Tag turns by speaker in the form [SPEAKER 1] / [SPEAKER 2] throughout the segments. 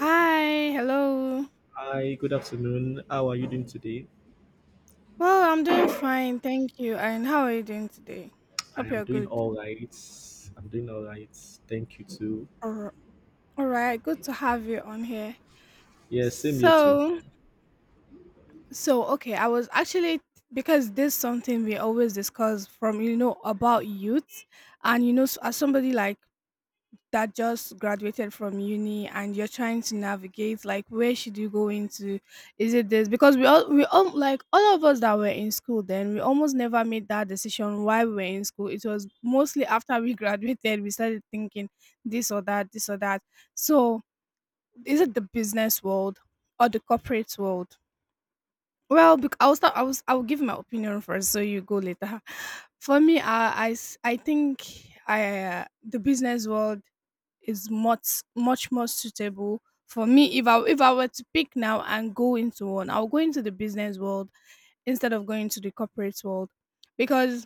[SPEAKER 1] Hi, hello.
[SPEAKER 2] Hi, good afternoon. How are you doing today?
[SPEAKER 1] Well, I'm doing fine, thank you. And how are you doing today?
[SPEAKER 2] I
[SPEAKER 1] Hope
[SPEAKER 2] am
[SPEAKER 1] you're
[SPEAKER 2] doing
[SPEAKER 1] good.
[SPEAKER 2] all right. I'm doing all right. Thank you too.
[SPEAKER 1] All right, good to have you on here.
[SPEAKER 2] Yes, same here too.
[SPEAKER 1] So, so okay, I was actually, because this is something we always discuss from about youth, and as somebody like that just graduated from uni and you're trying to navigate like where should you go into. Is it this? Because we all like all of us that were in school then, we almost never made that decision while we were in school. It was mostly after we graduated we started thinking this or that, this or that. So is it the business world or the corporate world? I'll start. I'll give my opinion first so you go later. For me, I s- I think I the business world is much more suitable for me. If I were to pick now and go into one, I'll go into the business world instead of going to the corporate world. Because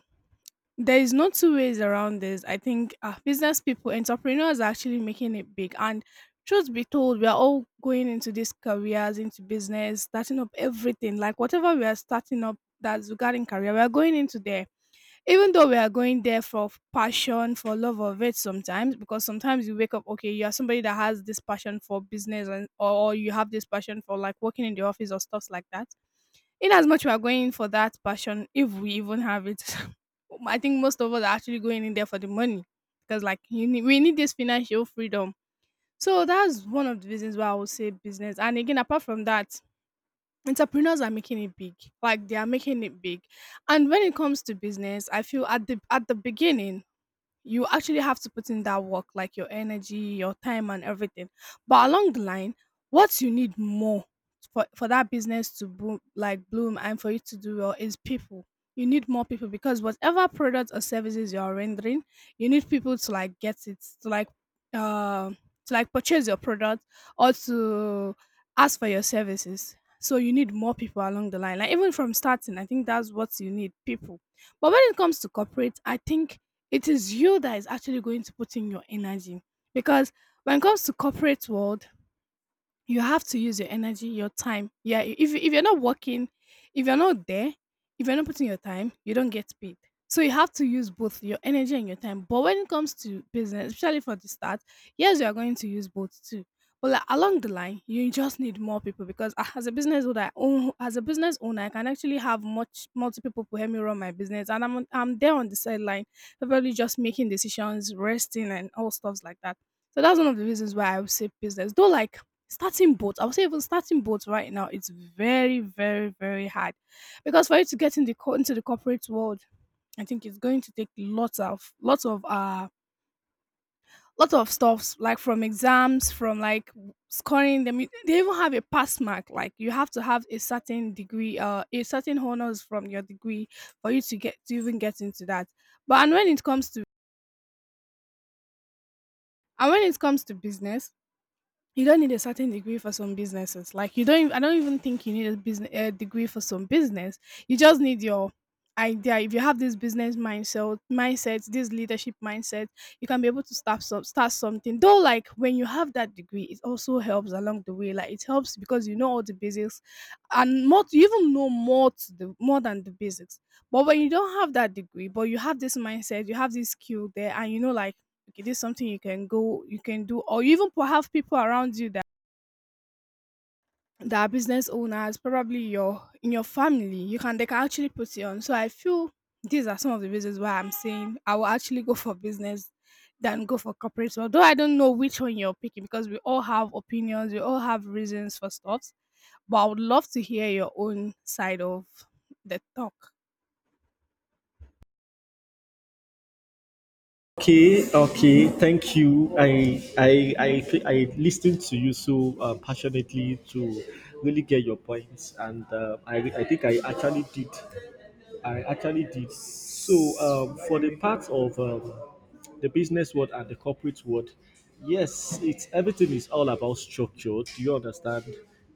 [SPEAKER 1] there is no two ways around this. I think business people, entrepreneurs, are actually making it big. And truth be told, we are all going into these careers, into business, starting up everything. Like whatever we are starting up, that's regarding career, we are going into there. Even though we are going there for passion, for love of it sometimes, because sometimes you wake up, okay, you are somebody that has this passion for business, and or you have this passion for like working in the office or stuffs like that. In as much we are going for that passion, if we even have it, I think most of us are actually going in there for the money. Because like you need, we need this financial freedom. So that's one of the reasons why I would say business. And again, apart from that, entrepreneurs are making it big, like they are making it big. And when it comes to business, I feel at the beginning, you actually have to put in that work, like your energy, your time, and everything. But along the line, what you need more for that business to boom, like bloom, and for you to do well is people. You need more people because whatever products or services you are rendering, you need people to like get it, uh, to like purchase your product or to ask for your services. So you need more people along the line. Like even from starting, I think that's what you need, people. But when it comes to corporate, I think it is you that is actually going to put in your energy. Because when it comes to corporate world, you have to use your energy, your time. Yeah, if you're not working, if you're not there, if you're not putting your time, you don't get paid. So you have to use both your energy and your time. But when it comes to business, especially for the start, yes, you are going to use both too. But like along the line, you just need more people. Because as a business owner, as a business owner, I can actually have much multiple people to help me run my business, and I'm there on the sideline, probably just making decisions, resting, and all stuffs like that. So that's one of the reasons why I would say business. Though, like starting boat, I would say even starting boats right now, it's very, very, very hard. Because for you to get in the into the corporate world, I think it's going to take lots of stuffs, like from exams, from like scoring them. They even have a pass mark. Like you have to have a certain degree, a certain honors from your degree for you to get to even get into that. But and when it comes to and when it comes to business, you don't need a certain degree for some businesses. Like you don't. I don't even think you need a degree for some business. You just need your idea. If you have this business mindset, this leadership mindset, you can be able to start something. Though, like when you have that degree, it also helps along the way. Like it helps because you know all the basics, and more. You even know more to the more than the basics. But when you don't have that degree, but you have this mindset, you have this skill there, and you know like okay, this is something you can go, you can do, or you even have people around you that are business owners, probably your in your family, you can they can actually put it on. So I feel these are some of the reasons why I'm saying I will actually go for business than go for corporate. Although I don't know which one you're picking, because we all have opinions, we all have reasons for stuff. But I would love to hear your own side of the talk.
[SPEAKER 2] Okay, okay. Thank you. I listened to you so passionately to really get your points, and I think I actually did. I actually did. So for the part of the business world and the corporate world, yes, it's everything is all about structure. Do you understand?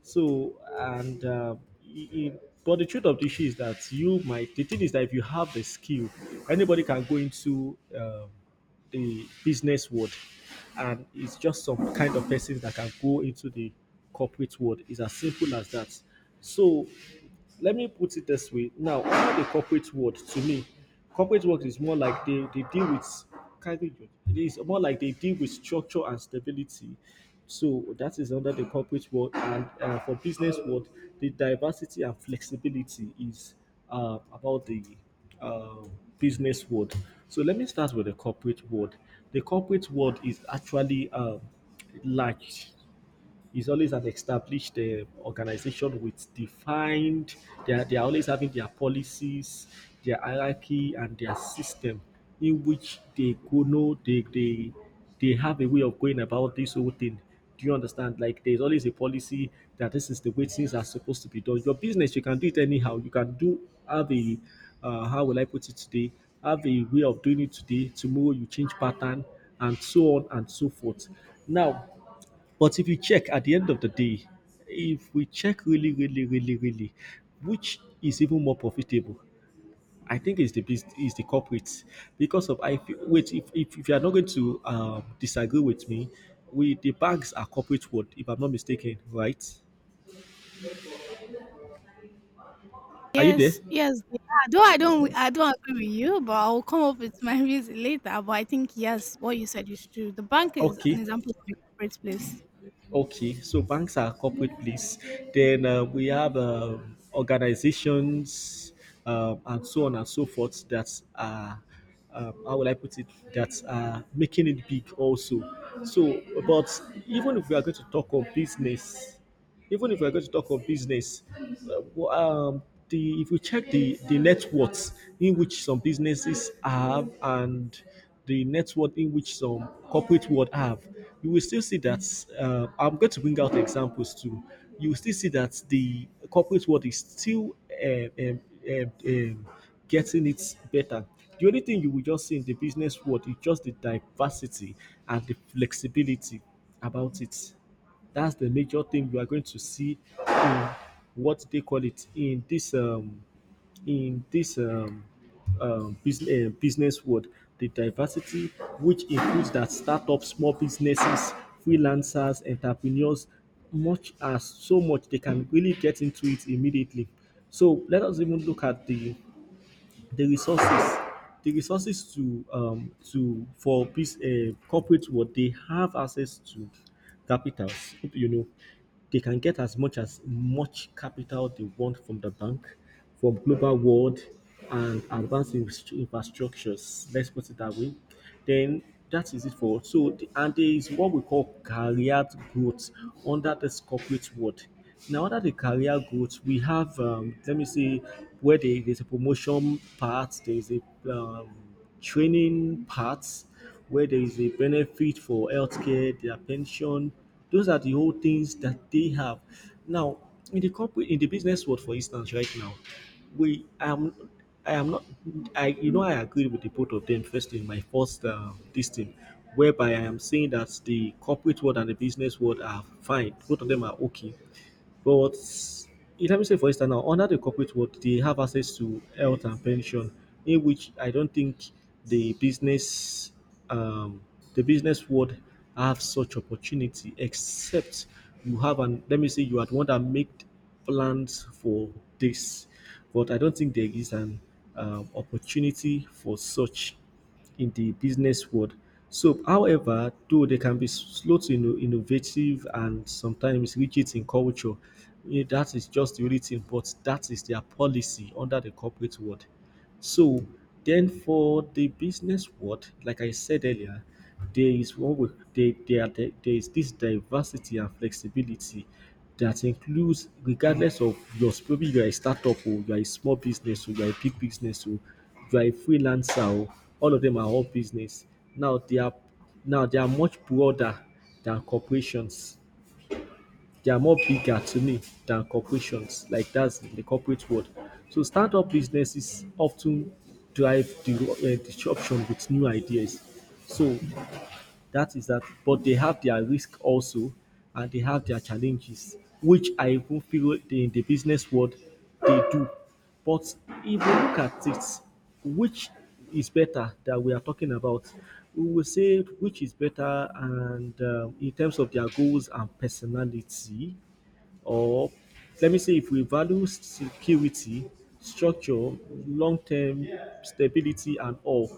[SPEAKER 2] So and i- i- but the truth of the issue is that you might. The thing is that if you have the skill, anybody can go into the business world, and it's just some kind of person that can go into the corporate world. It's as simple as that. So let me put it this way. Now, under the corporate world, to me, corporate world is more like they deal with kind of it is more like they deal with structure and stability. So that is under the corporate world, and for business world, the diversity and flexibility is about the uh, business world. So let me start with the corporate world. The corporate world is actually like is always an established organization with defined they are always having their policies, their hierarchy, and their system in which they go know they have a way of going about this whole thing. Do you understand? Like there's always a policy that this is the way things are supposed to be done. Your business, you can do it anyhow you can do have a how will I put it today have a way of doing it today, tomorrow you change pattern, and so on and so forth. Now, but if you check at the end of the day, if we check really, really, really, really, which is even more profitable, I think is the corporates, because of, I feel, wait, if you are not going to disagree with me, we the banks are corporate world if I'm not mistaken, right? Are you there?
[SPEAKER 1] Yes, yes, they are. Though I don't agree with you, but I'll come up with my reason later. But I think yes, what you said is true. The bank is an
[SPEAKER 2] Okay.
[SPEAKER 1] example of a corporate place.
[SPEAKER 2] Okay, so banks are a corporate place. Then we have organizations, and so on and so forth, that are, how will I put it, that are making it big also. So, but even if we are going to talk of business, even if we're going to talk of business, w- the if we check the net worth in which some businesses have and the net worth in which some corporate world have, you will still see that. I'm going to bring out examples too. You will still see that the corporate world is still um, um, um, um, getting it better. The only thing you will just see in the business world is just the diversity and the flexibility about it. That's the major thing you are going to see in what they call it in this in this um, business world. The diversity, which includes that startups, small businesses, freelancers, entrepreneurs, much as so much they can really get into it immediately. So let us even look at the resources. The resources to for this corporate world, they have access to capitals, they can get as much capital they want from the bank, from global world, and advanced infrastructures. Let's put it that way. Then that is it and there is what we call career growth under this corporate world. Now under the career growth, we have let me see, where there's a promotion part, there is a um, training part, where there is a benefit for healthcare, their pension. Those are the old things that they have. Now, in the corporate, in the business world, for instance, right now, we am I am not. I you know I agree with the both of them, firstly in my first this thing whereby I am saying that the corporate world and the business world are fine, both of them are okay, but it having say, for instance, now under the corporate world, they have access to health and pension, in which I don't think the business, um, the business world have such opportunity, except you have an let me say you are the one that made plans for this, but I don't think there is an opportunity for such in the business world. So, however, though they can be slow to innovative and sometimes rigid in culture, that is just the only thing, but that is their policy under the corporate world. So then for the business world, like I said earlier, there is what we there, there, are- there is this diversity and flexibility that includes regardless of your maybe you are a startup, or you are a small business, or you are a big business, or you are a freelancer, or all of them are all business. Now they are now they are much broader than corporations, they are more bigger to me than corporations. Like that's the corporate world. So startup businesses often drive the disruption with new ideas. So that is that. But they have their risk also, and they have their challenges, which I even feel in the business world they do. But if you look at it, which is better that we are talking about, we will say which is better, and in terms of their goals and personality, or let me say, if we value security, structure, long-term stability and all,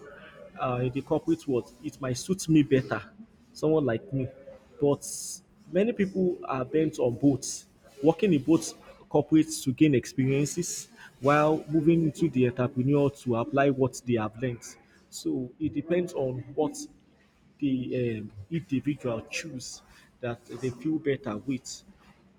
[SPEAKER 2] in the corporate world, it might suit me better, someone like me. But many people are bent on both, working in both corporates to gain experiences while moving into the entrepreneur to apply what they have learned. So it depends on what the individual choose, that they feel better with,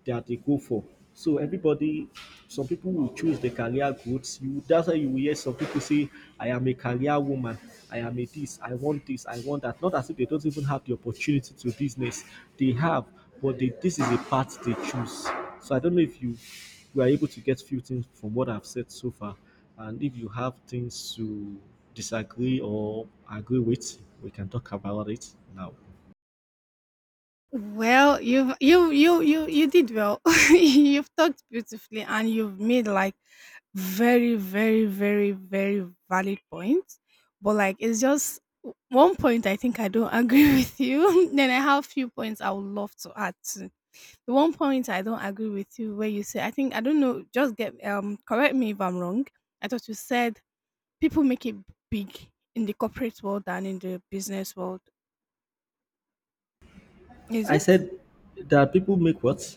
[SPEAKER 2] that they go for. So everybody, some people will choose the career growth. You That's why you will hear some people say, "I am a career woman. I am a this. I want this. I want that." Not as if they don't even have the opportunity to business. They have, but this is a path they choose. So I don't know if you were able to get few things from what I've said so far, and if you have things to disagree or agree with, we can talk about it now.
[SPEAKER 1] Well, you've you you you you did well. You've talked beautifully, and you've made like very, very valid points. But like it's just one point I think I don't agree with you. Then I have few points I would love to add. The one point I don't agree with you where you say, I think I don't know, just get correct me if I'm wrong. I thought you said people make it big in the corporate world than in the business world. Is
[SPEAKER 2] I
[SPEAKER 1] it?
[SPEAKER 2] said that people make what?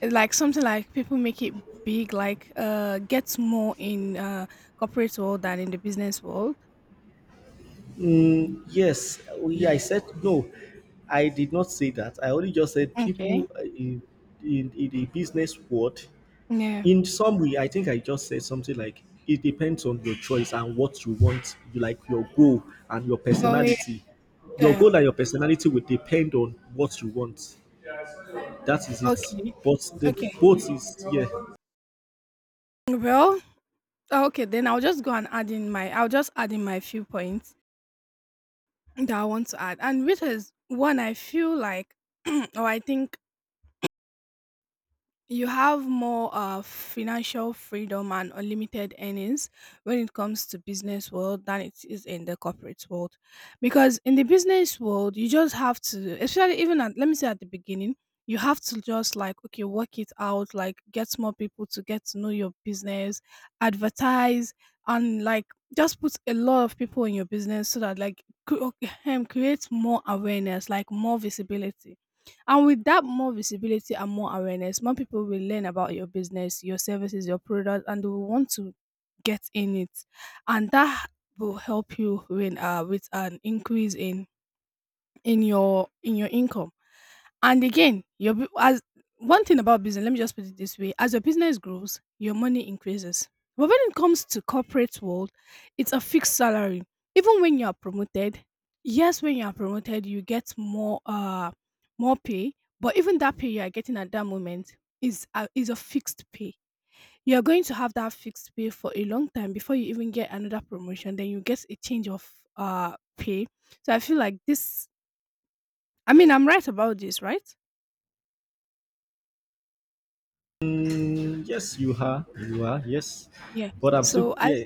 [SPEAKER 1] It's like something like people make it big, like gets more in corporate world than in the business world.
[SPEAKER 2] Mm, yes, I said no. I did not say that. I only just said
[SPEAKER 1] Okay.
[SPEAKER 2] people in the business world.
[SPEAKER 1] Yeah.
[SPEAKER 2] In some way, I think I just said something like it depends on your choice and what you want, you like your goal and your
[SPEAKER 1] Oh yeah.
[SPEAKER 2] personality. Your
[SPEAKER 1] Yeah.
[SPEAKER 2] goal and your personality will depend on what you want. That is it.
[SPEAKER 1] Okay.
[SPEAKER 2] But the
[SPEAKER 1] Okay.
[SPEAKER 2] both is, yeah.
[SPEAKER 1] Well, okay, then I'll just add in my few points that I want to add. And which is one I feel like, or I think you have more financial freedom and unlimited earnings when it comes to business world than it is in the corporate world. Because in the business world you just have to, especially even at, let me say at the beginning, you have to just like okay work it out, like get more people to get to know your business, advertise, and like just put a lot of people in your business so that like create more awareness, like more visibility. And with that more visibility and more awareness, more people will learn about your business, your services, your product, and they will want to get in it. And that will help you win with an increase in in your income. And again, your bu- as one thing about business, let me just put it this way: as your business grows, your money increases. But when it comes to corporate world, it's a fixed salary. Even when you are promoted, yes, when you are promoted, you get more pay. But even that pay you are getting at that moment is is a fixed pay. You are going to have that fixed pay for a long time before you even get another promotion. Then you get a change of pay. So I feel like this, I mean, I'm right about this, right?
[SPEAKER 2] Mm, yes, you are. You are. Yes,
[SPEAKER 1] Yeah.
[SPEAKER 2] but I'm still,
[SPEAKER 1] So I,
[SPEAKER 2] yeah.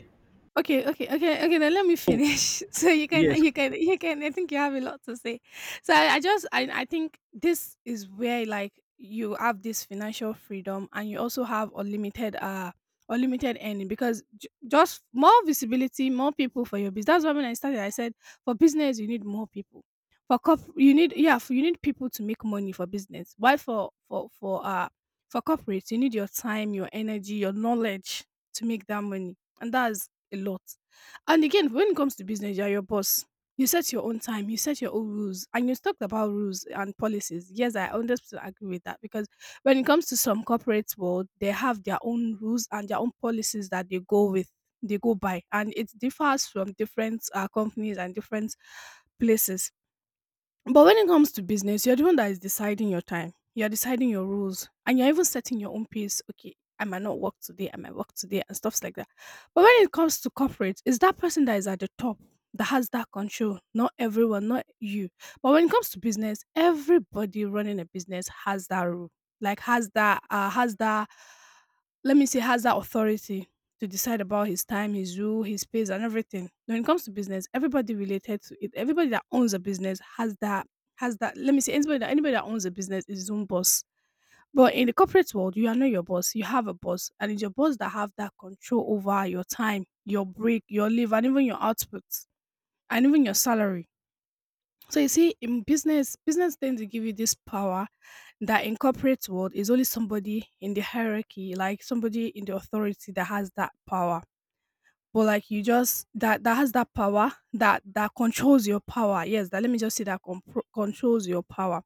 [SPEAKER 1] okay, okay, okay, okay. Then let me finish, so
[SPEAKER 2] Yes,
[SPEAKER 1] you can. I think you have a lot to say. So I think this is where like you have this financial freedom, and you also have unlimited, unlimited earning. Because just more visibility, more people for your business. That's why when I started, I said for business you need more people. For corp, you need, yeah, you need people to make money for business. Why? For corporates you need your time, your energy, your knowledge to make that money, and that's a lot. And again, when it comes to business, you're your boss. You set your own time, you set your own rules, and you talked about rules and policies. Yes, I 100% agree with that. Because when it comes to some corporate world, they have their own rules and their own policies that they go with, they go by, and it differs from different companies and different places. But when it comes to business, you're the one that is deciding your time. You're deciding your rules and you're even setting your own pace. Okay, I might not work today, I might work today, and stuffs like that. But when it comes to corporate, it's that person that is at the top that has that control, not everyone, not you. But when it comes to business, everybody running a business has that rule, like let me say, has that authority to decide about his time, his rule, his pace, and everything. When it comes to business, everybody related to it, everybody that owns a business has that has that. Let me say, anybody that owns a business is his own boss. But in the corporate world, you are not your boss. You have a boss, and it's your boss that have that control over your time, your break, your leave, and even your output, and even your salary. So you see, in business, business tend to give you this power that in corporate world is only somebody in the hierarchy, like somebody in the authority that has that power but like you just that that has that power that that controls your power. Yes, that let me just say that controls your power.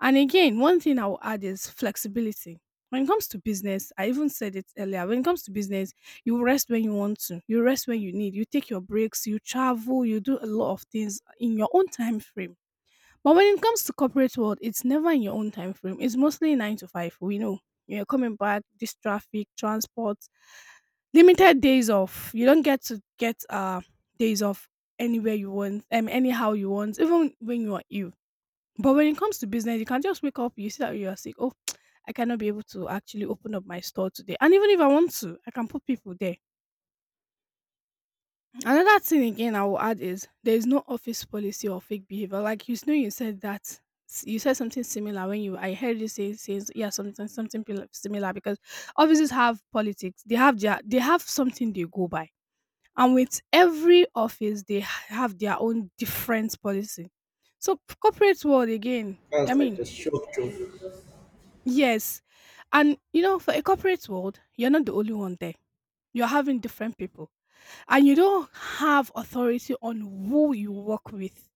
[SPEAKER 1] And again, one thing I will add is flexibility. When it comes to business, I even said it earlier. When it comes to business, you rest when you want to, you rest when you need, you take your breaks, you travel, you do a lot of things in your own time frame. But when it comes to corporate world, it's never in your own time frame. It's mostly 9 to 5. We know you're coming back. This traffic, transport, limited days off. You don't get to get days off anywhere you want, anyhow you want, even when you are ill. But when it comes to business, you can just wake up. You see that you are sick. Oh, I cannot be able to actually open up my store today. And even if I want to, I can put people there. Another thing again I will add is there is no office policy or fake behavior. Like know, you said that you said something similar when you I heard you say says yeah similar because offices have politics. They have something they go by, and with every office they have their own different policy. So corporate world again. I
[SPEAKER 2] that's like the
[SPEAKER 1] mean,
[SPEAKER 2] shock job.
[SPEAKER 1] yes, and you know for a corporate world you're not the only one there. You're having different people and you don't have authority on who you work with,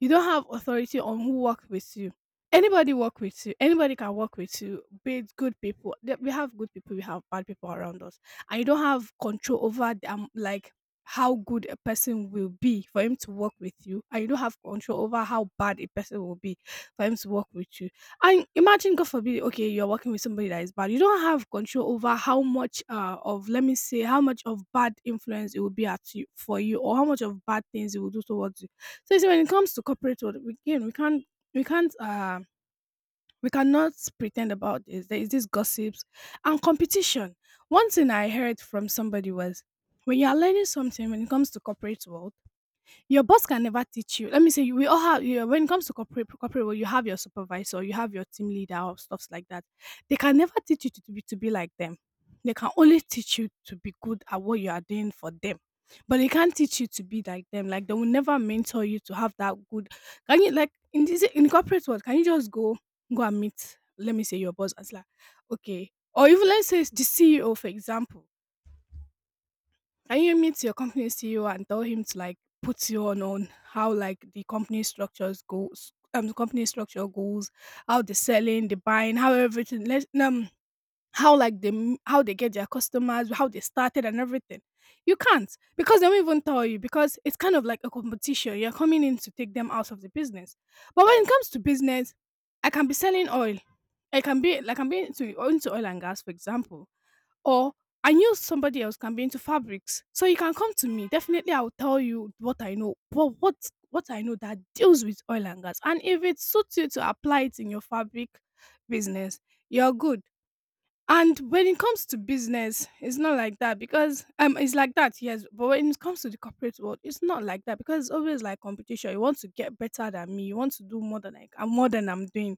[SPEAKER 1] you don't have authority on who works with you. Anybody work with you. Anybody can work with you. Be it good people. We have good people. We have bad people around us, and you don't have control over the, like how good a person will be for him to work with you, and you don't have control over how bad a person will be for him to work with you. And imagine, God forbid, okay, you're working with somebody that is bad. You don't have control over how much of, let me say, how much of bad influence it will be at you for you, or how much of bad things it will do towards you. So you see, when it comes to corporate world, we again we can't we can't we cannot pretend about this. There is this gossips and competition. One thing I heard from somebody was when you are learning something when it comes to corporate world, your boss can never teach you. Let me say, we all have, you know, when it comes to corporate world, you have your supervisor, you have your team leader, or stuffs like that. They can never teach you to be like them. They can only teach you to be good at what you are doing for them. But they can't teach you to be like them. Like, they will never mentor you to have that good. Can you, like, in corporate world, can you just go and meet, let me say, your boss and say, like, okay. Or even let's say it's the CEO, for example, can you meet your company CEO and tell him to like put you on how like the company structure goes, how the selling, the buying, how everything let how like the how they get their customers, how they started and everything. You can't because they won't even tell you because it's kind of like a competition. You're coming in to take them out of the business. But when it comes to business, I can be selling oil. I can be like I'm into oil and gas, for example. Or I knew somebody else can be into fabrics, so you can come to me. Definitely, I will tell you what I know. But what I know that deals with oil and gas, and if it suits you to apply it in your fabric business, you're good. And when it comes to business, it's not like that because it's like that, yes. But when it comes to the corporate world, it's not like that because it's always like competition. You want to get better than me. You want to do more than I'm doing.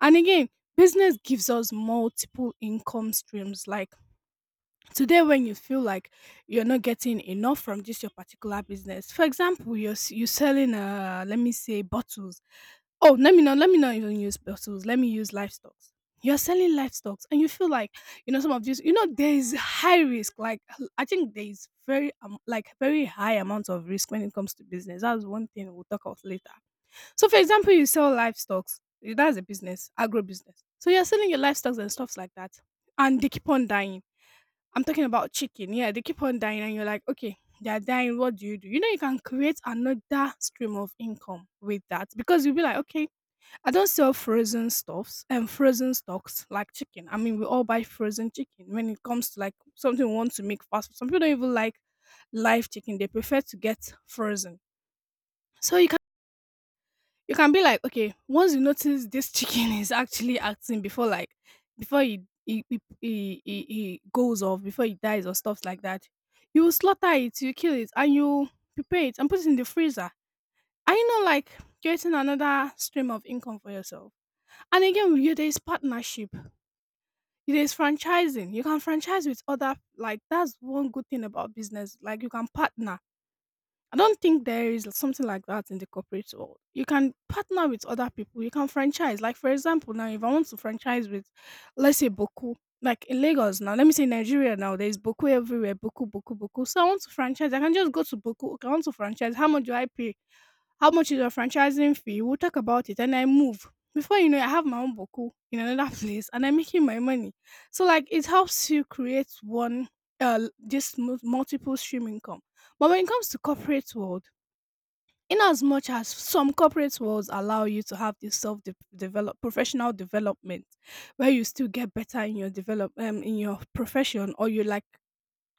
[SPEAKER 1] And again, business gives us multiple income streams. Like today when you feel like you're not getting enough from just your particular business, for example you're selling let me say bottles. Oh, let me not even use bottles. Let me use livestock. You're selling livestock and you feel like, you know, some of these, you know, there is high risk, like I think there is very like very high amount of risk when it comes to business. That's one thing we'll talk about later. So for example you sell livestock. That's a business, agro business. So you're selling your livestock and stuffs like that, and they keep on dying. I'm talking about chicken. Yeah, they keep on dying, and you're like, okay, they're dying. What do? You know, you can create another stream of income with that because you'll be like, okay, I don't sell frozen stuffs and frozen stocks like chicken. I mean, we all buy frozen chicken when it comes to like something we want to make fast. Some people don't even like live chicken, they prefer to get frozen. So you can be like, okay, once you notice this chicken is actually acting before, like, before he goes off, before he dies or stuff like that, you slaughter it, you kill it, and you prepare it and put it in the freezer. Are you not like creating another stream of income for yourself? And again, you there is partnership, there is franchising. You can franchise with other, like, that's one good thing about business. Like you can partner, I don't think there is something like that in the corporate world. You can partner with other people. You can franchise. Like for example, now if I want to franchise with, let's say Boku, like in Lagos now. Let me say Nigeria now. There is Boku everywhere. Boku, Boku, Boku. So I want to franchise. I can just go to Boku. Okay, I want to franchise. How much do I pay? How much is your franchising fee? We'll talk about it. And I move. Before you know it, I have my own Boku in another place, and I'm making my money. So like, it helps you create one, multiple stream income, but when it comes to corporate world, in as much as some corporate worlds allow you to have this self de- develop professional development, where you still get better in your develop in your profession, or you like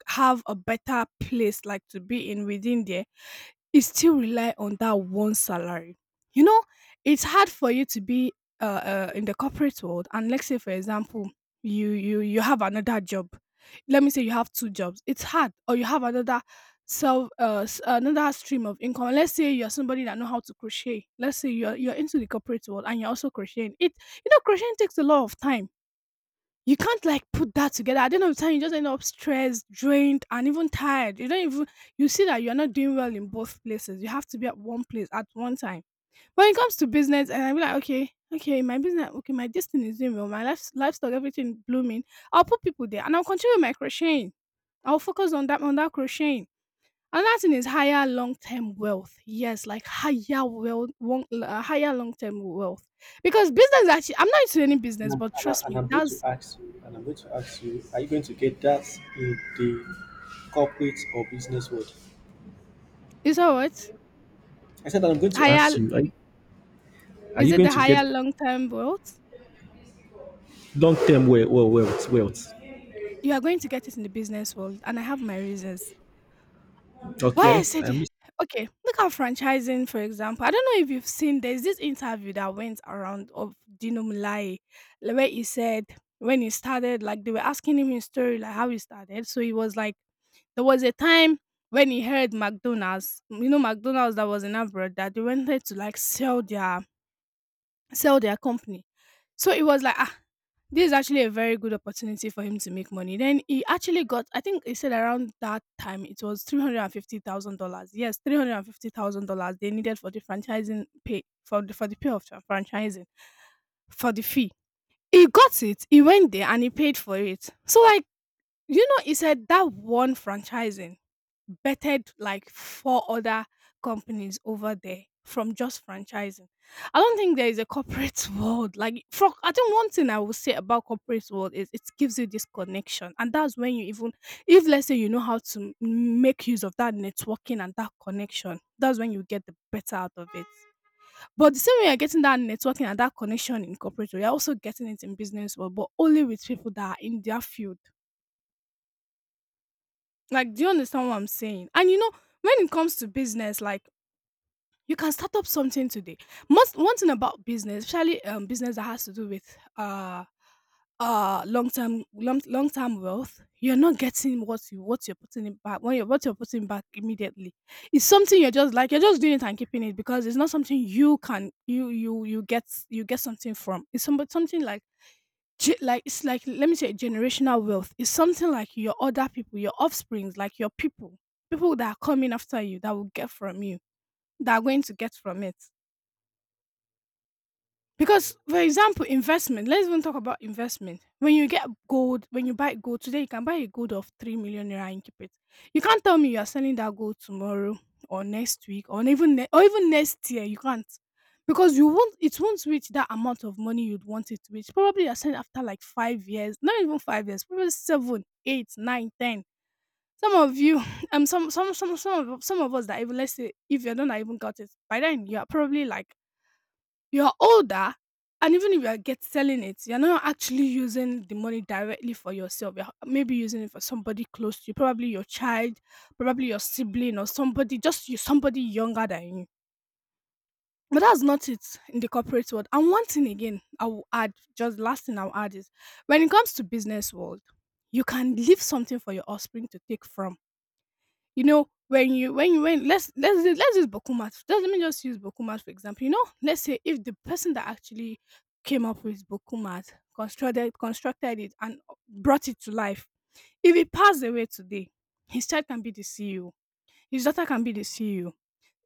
[SPEAKER 1] have a better place like to be in within there, it still rely on that one salary. You know, it's hard for you to be in the corporate world and let's say for example you have another job. Let me say you have two jobs. It's hard. Or you have another another stream of income. Let's say you're somebody that know how to crochet. Let's say you're into the corporate world and you're also crocheting. It, you know, crocheting takes a lot of time. You can't like put that together. At the end of the time, you just end up stressed, drained, and even tired. You don't even, you see that you're not doing well in both places. You have to be at one place at one time. When it comes to business, and I'm like, okay, okay, my business, okay, my destiny is doing well, my life, livestock, everything blooming. I'll put people there, and I'll continue with my crocheting. I'll focus on that crocheting. And that thing is higher long term wealth. Yes, like higher wealth, one, higher long term wealth. Because business actually, I'm not into any
[SPEAKER 2] And
[SPEAKER 1] business,
[SPEAKER 2] I'm,
[SPEAKER 1] but
[SPEAKER 2] and, I,
[SPEAKER 1] trust
[SPEAKER 2] and
[SPEAKER 1] me,
[SPEAKER 2] I'm going to
[SPEAKER 1] that's
[SPEAKER 2] ask you, are you going to get that in the corporate or business world?
[SPEAKER 1] it's all right.
[SPEAKER 2] I said, I'm going to ask
[SPEAKER 1] Higher
[SPEAKER 2] you, are
[SPEAKER 1] is
[SPEAKER 2] you
[SPEAKER 1] it
[SPEAKER 2] going
[SPEAKER 1] the
[SPEAKER 2] to
[SPEAKER 1] higher
[SPEAKER 2] get
[SPEAKER 1] long term wealth?
[SPEAKER 2] long-term wealth, wealth, wealth?
[SPEAKER 1] You are going to get it in the business world, and I have my reasons. Why I
[SPEAKER 2] Okay,
[SPEAKER 1] said it-
[SPEAKER 2] I'm
[SPEAKER 1] Okay, look at franchising for example. I don't know if you've seen there's this interview that went around of Dino Mulai, like, where he said when he started, like they were asking him his story, like how he started. So he was like, there was a time when he heard McDonald's, you know, McDonald's that was in abroad that they wanted to like sell their company. So it was like, ah, this is actually a very good opportunity for him to make money. Then he actually got, I think he said around that time it was $350,000. Yes, $350,000 they needed for the franchising pay for the pay of the franchising for the fee. He got it. He went there and he paid for it. So like, you know, he said that one franchising bettered like four other companies over there from just franchising. I don't think there is a corporate world. Like from I think one thing I will say about corporate world is it gives you this connection. And that's when you even if let's say you know how to make use of that networking and that connection, that's when you get the better out of it. But the same way you're getting that networking and that connection in corporate world, you're also getting it in business world, but only with people that are in their field, like, do you understand what I'm saying? And you know, when it comes to business, like you can start up something today. Most one thing about business, especially business that has to do with long term long term wealth, you're not getting what you're putting in back when you're what you're putting back immediately. It's something you're just like you're just doing it and keeping it because it's not something you can you get you get something from. It's something like like it's like let me say generational wealth is something like your other people your offsprings like your people people that are coming after you that will get from you that are going to get from it because, for example, investment. Let's even talk about investment. When you get gold, when you buy gold today, you can buy a gold of 3 million naira and keep it. You can't tell me you are selling that gold tomorrow or next week or even next year. You can't because you won't. It won't reach that amount of money you'd want it to reach. Probably you're selling after like 5 years, not even 5 years, probably seven, eight, nine, ten. Some of you, some of us that even let's say if you don't even got it by then, you are probably like you're older, and even if you are get selling it, you're not actually using the money directly for yourself. You're maybe using it for somebody close to you, probably your child, probably your sibling, or somebody younger than you. But that's not it in the corporate world. And one thing again, I will add, just last thing I'll add is, when it comes to business world, you can leave something for your offspring to take from, you know, when let's let's use Bokumat. Just let me just use Bokumat for example. You know, let's say if the person that actually came up with Bokumat constructed it and brought it to life, if he passed away today, his child can be the CEO, his daughter can be the CEO,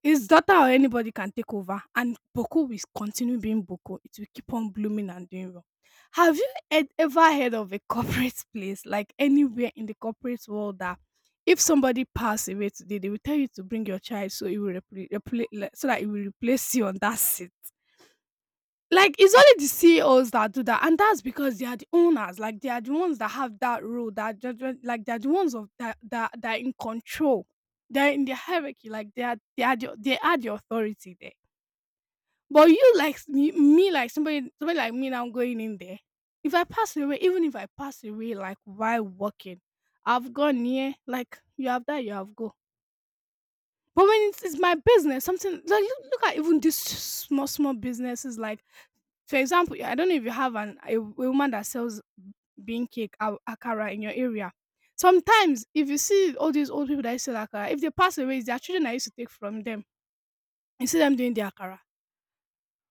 [SPEAKER 1] it's data or anybody can take over and Boko will continue being Boko. It will keep on blooming and doing well. Have you ever heard of a corporate place, like anywhere in the corporate world, that if somebody passed away today, they will tell you to bring your child so it will so that it will replace you on that seat? Like, it's only the CEOs that do that, and that's because they are the owners. Like, they are the ones that have that role, that judgment. Like, they are the ones of that are in control. They're in the hierarchy. Like, they are the authority there. But you, like me, like somebody like me, now going in there. If I pass away, even if I pass away, like while working, I've gone here. Like you have that, you have go. But it's my business, something like look at even these small small businesses like for example, I don't know if you have a woman that sells bean cake or akara in your area. Sometimes, if you see all these old people that sell akara, if they pass away, it's their children that used to take from them. You see them doing their akara.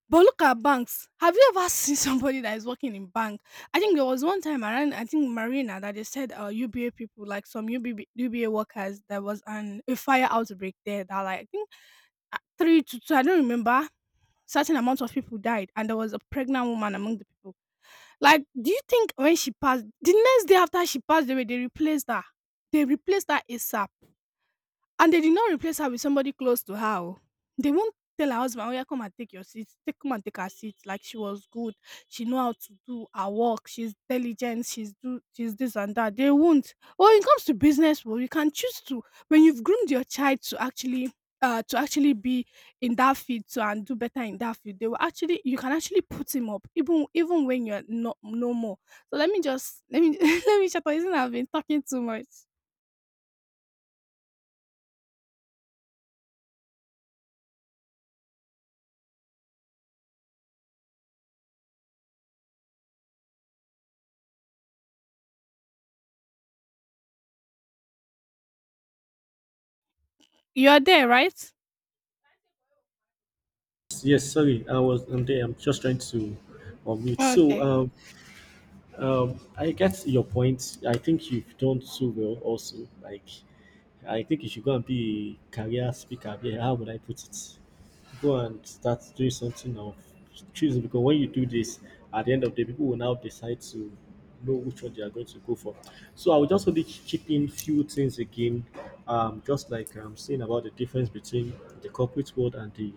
[SPEAKER 1] But look at banks. Have you ever seen somebody that is working in bank? I think there was one time around, I think Marina, that they said UBA people, like some UBB, UBA workers, there was an a fire outbreak there that like I think three to two, I don't remember certain amount of people died and there was a pregnant woman among the people, like do you think when she passed the next day after she passed away they replaced her, they replaced her asap, and they did not replace her with somebody close to her. Oh. They won't tell her husband, "Oh yeah, come and take your seat. Take come and take her seat." Like she was good. She know how to do her work. She's diligent. She's do. She's this and that. They won't. Well, when it comes to business, well, you can choose to when you've groomed your child to actually. To actually be in that field so and do better in that field, they will actually you can actually put him up even even when you're not no more. So let me just let me let me shut up. Isn't I've been talking too much? You're there, right?
[SPEAKER 2] yes, sorry, I'm there. I'm just trying to unmute. So
[SPEAKER 1] Okay.
[SPEAKER 2] I get your point. I think you've done so well also. Like, I think you should go and be a career speaker. Yeah, how would I put it? Go and start doing something of choosing, because when you do this, at the end of the day, people will now decide to know which one they are going to go for. So I will just only chip in few things again, just like I'm saying, about the difference between the corporate world and the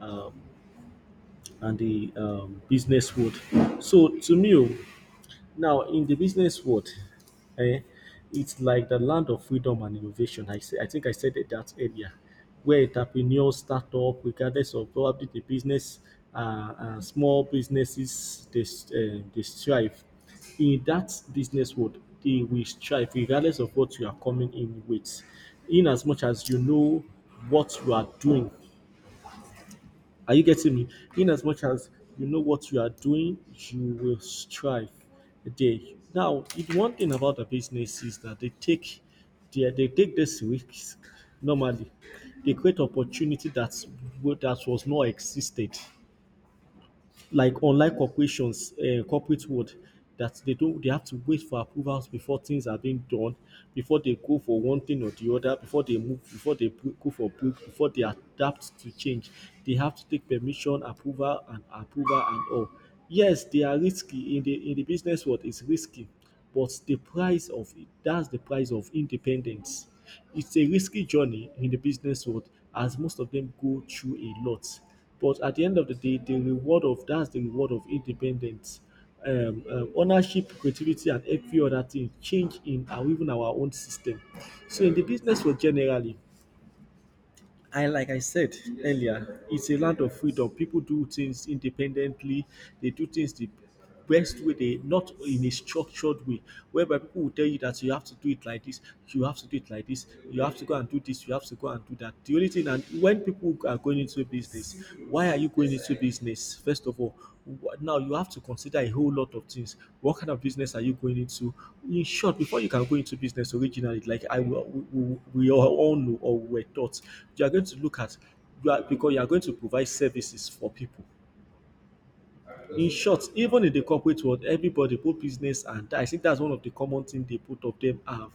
[SPEAKER 2] um, business world. So to me, oh, now, in the business world, eh, it's like the land of freedom and innovation. I think I said it that earlier, where entrepreneurs start up, regardless of probably the business, uh, small businesses, they strive. In that business world, they will strive, regardless of what you are coming in with. In as much as you know what you are doing, are you getting me? In as much as you know what you are doing, you will strive a day now, if one thing about the business is that they take this risk normally. They create opportunity that was not existed like unlike corporations, corporate world, that they don't they have to wait for approvals before things are being done, before they go for one thing or the other, before they move, before they go for book, before they adapt to change, they have to take permission, approval, and approval and all. Yes, they are risky in the business world. It's risky but the price of it that's the price of independence. It's a risky journey in the business world, as most of them go through a lot. But at the end of the day, the reward of that's the reward of independence, ownership, creativity, and every other thing change in our even our own system. So in the business world generally, I like I said earlier, it's a land of freedom. People do things independently. They do things the best way. They not in a structured way, whereby people will tell you that you have to do it like this, you have to do it like this, you have to go and do this, you have to go and do that. The only thing, and when people are going into a business why are you going into business first of all now you have to consider a whole lot of things what kind of business are you going into in short before you can go into business originally like I will we all know or we were taught you are going to look at you are because you are going to provide services for people in short, even in the corporate world, everybody, both business and I think that's one of the common thing they both of them have,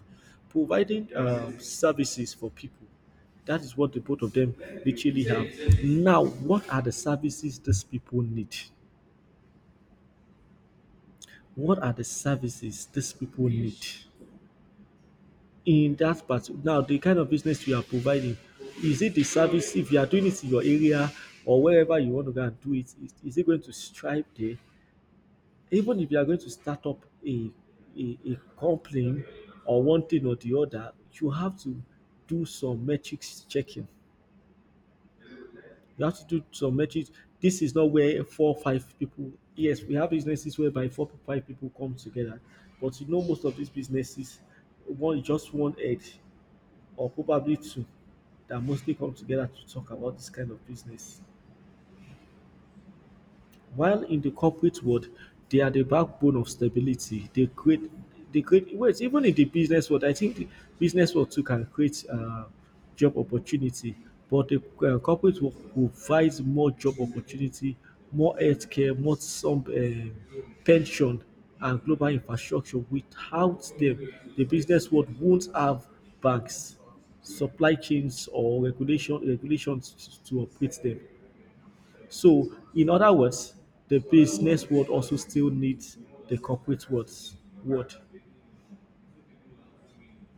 [SPEAKER 2] providing services for people. That is what the both of them literally have. Now, what are the services these people need? What are the services these people need in that part? Now, the kind of business you are providing, is it the service if you are doing it in your area or wherever you want to go and do it? Is it going to strive there? Even if you are going to start up a complaint or one thing or the other, you have to do some metrics checking. You have to do some metrics. This is not where 4, 5 people. Yes, we have businesses whereby 4, 5 people come together, but you know most of these businesses, one just one head or probably two that mostly come together to talk about this kind of business. While in the corporate world, they are the backbone of stability. They create. Wait, even in the business world, I think the business world too can create job opportunity. But the corporate world provides more job opportunity, more healthcare, more some pension and global infrastructure. Without them, the business world won't have banks, supply chains, or regulations to operate them. So, in other words, the business world also still needs the corporate world.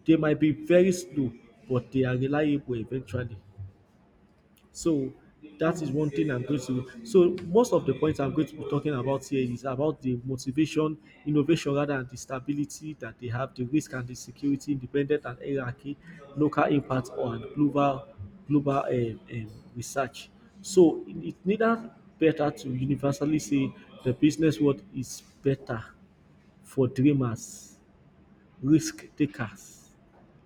[SPEAKER 2] They might be very slow, but they are reliable eventually. So that is one thing I'm going to. So most of the points I'm going to be talking about here is about the motivation, innovation rather than the stability that they have, the risk and the security, independent and hierarchy, local impact on global research. So it's neither better to universally say the business world is better for dreamers risk takers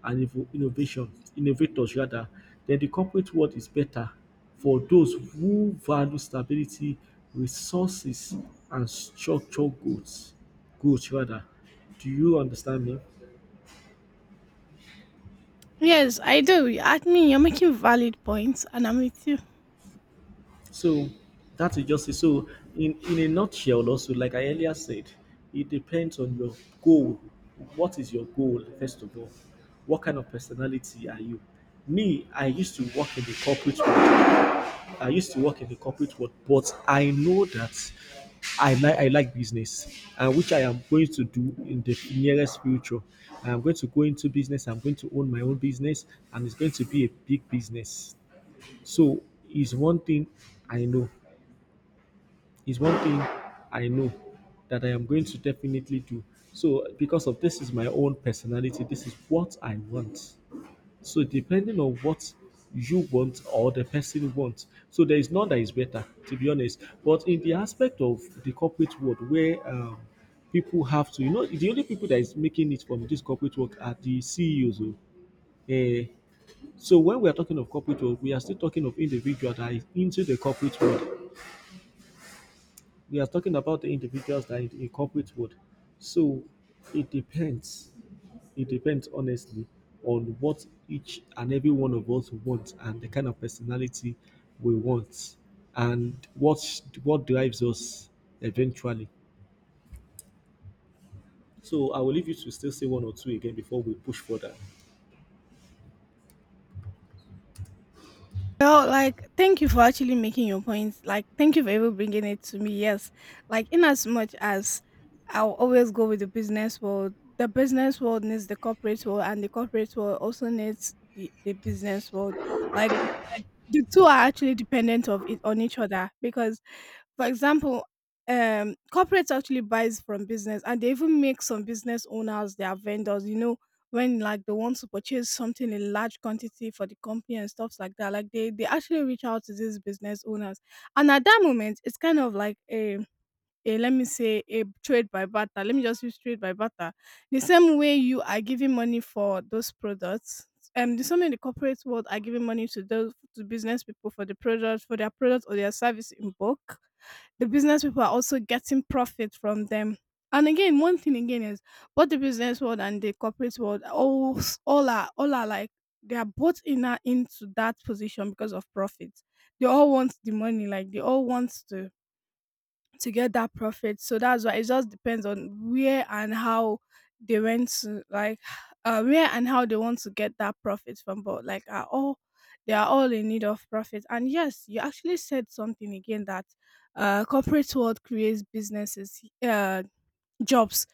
[SPEAKER 2] and innovation innovators rather, then the corporate world is better for those who value stability, resources, and structural growth. Growth rather. Do you understand me?
[SPEAKER 1] Yes, I do. I mean, you're making valid points, and I'm with you.
[SPEAKER 2] So that is just it. So in a nutshell also, like I earlier said, it depends on your goal. What is your goal, first of all? What kind of personality are you? Me, I used to work in the corporate world. I used to work in the corporate world, but I know that I like business, and which I am going to do in the nearest future. I am going to go into business. I'm going to own my own business, and it's going to be a big business. So it's one thing I know. It's one thing I know that I am going to definitely do. So because of this is my own personality. This is what I want. So depending on what you want or the person wants, so there is none that is better, to be honest. But in the aspect of the corporate world, where people have to, you know, the only people that is making it from this corporate work are the CEOs. Uh, so when we are talking of corporate world, we are still talking of individual that is into the corporate world we are talking about the individuals that it incorporates with. So it depends. It depends honestly on what each and every one of us wants and the kind of personality we want and what drives us eventually. So I will leave you to still say one or two again before we push further.
[SPEAKER 1] Well, like, thank you for actually making your points. Like, thank you for even bringing it to me. Yes, like, in as much as I'll always go with the business world needs the corporate world, and the corporate world also needs the business world. Like, like, the two are actually dependent of it on each other because for example, corporates actually buys from business, and they even make some business owners their vendors. You know, when like they want to purchase something in large quantity for the company and stuff like that, like they actually reach out to these business owners, and at that moment, it's kind of like a, let me say, a trade by barter. Let me just use trade by barter. The same way you are giving money for those products, the same way the corporate world are giving money to those to business people for the product or their service in bulk. The business people are also getting profit from them. And again, one thing again is both the business world and the corporate world are all s- all are like they are both in into that position because of profit. They all want the money, like they all want to get that profit. So that's why it just depends on where and how they went to like where and how they want to get that profit from. But like are all they are all in need of profit. And yes, you actually said something again that corporate world creates businesses jobs.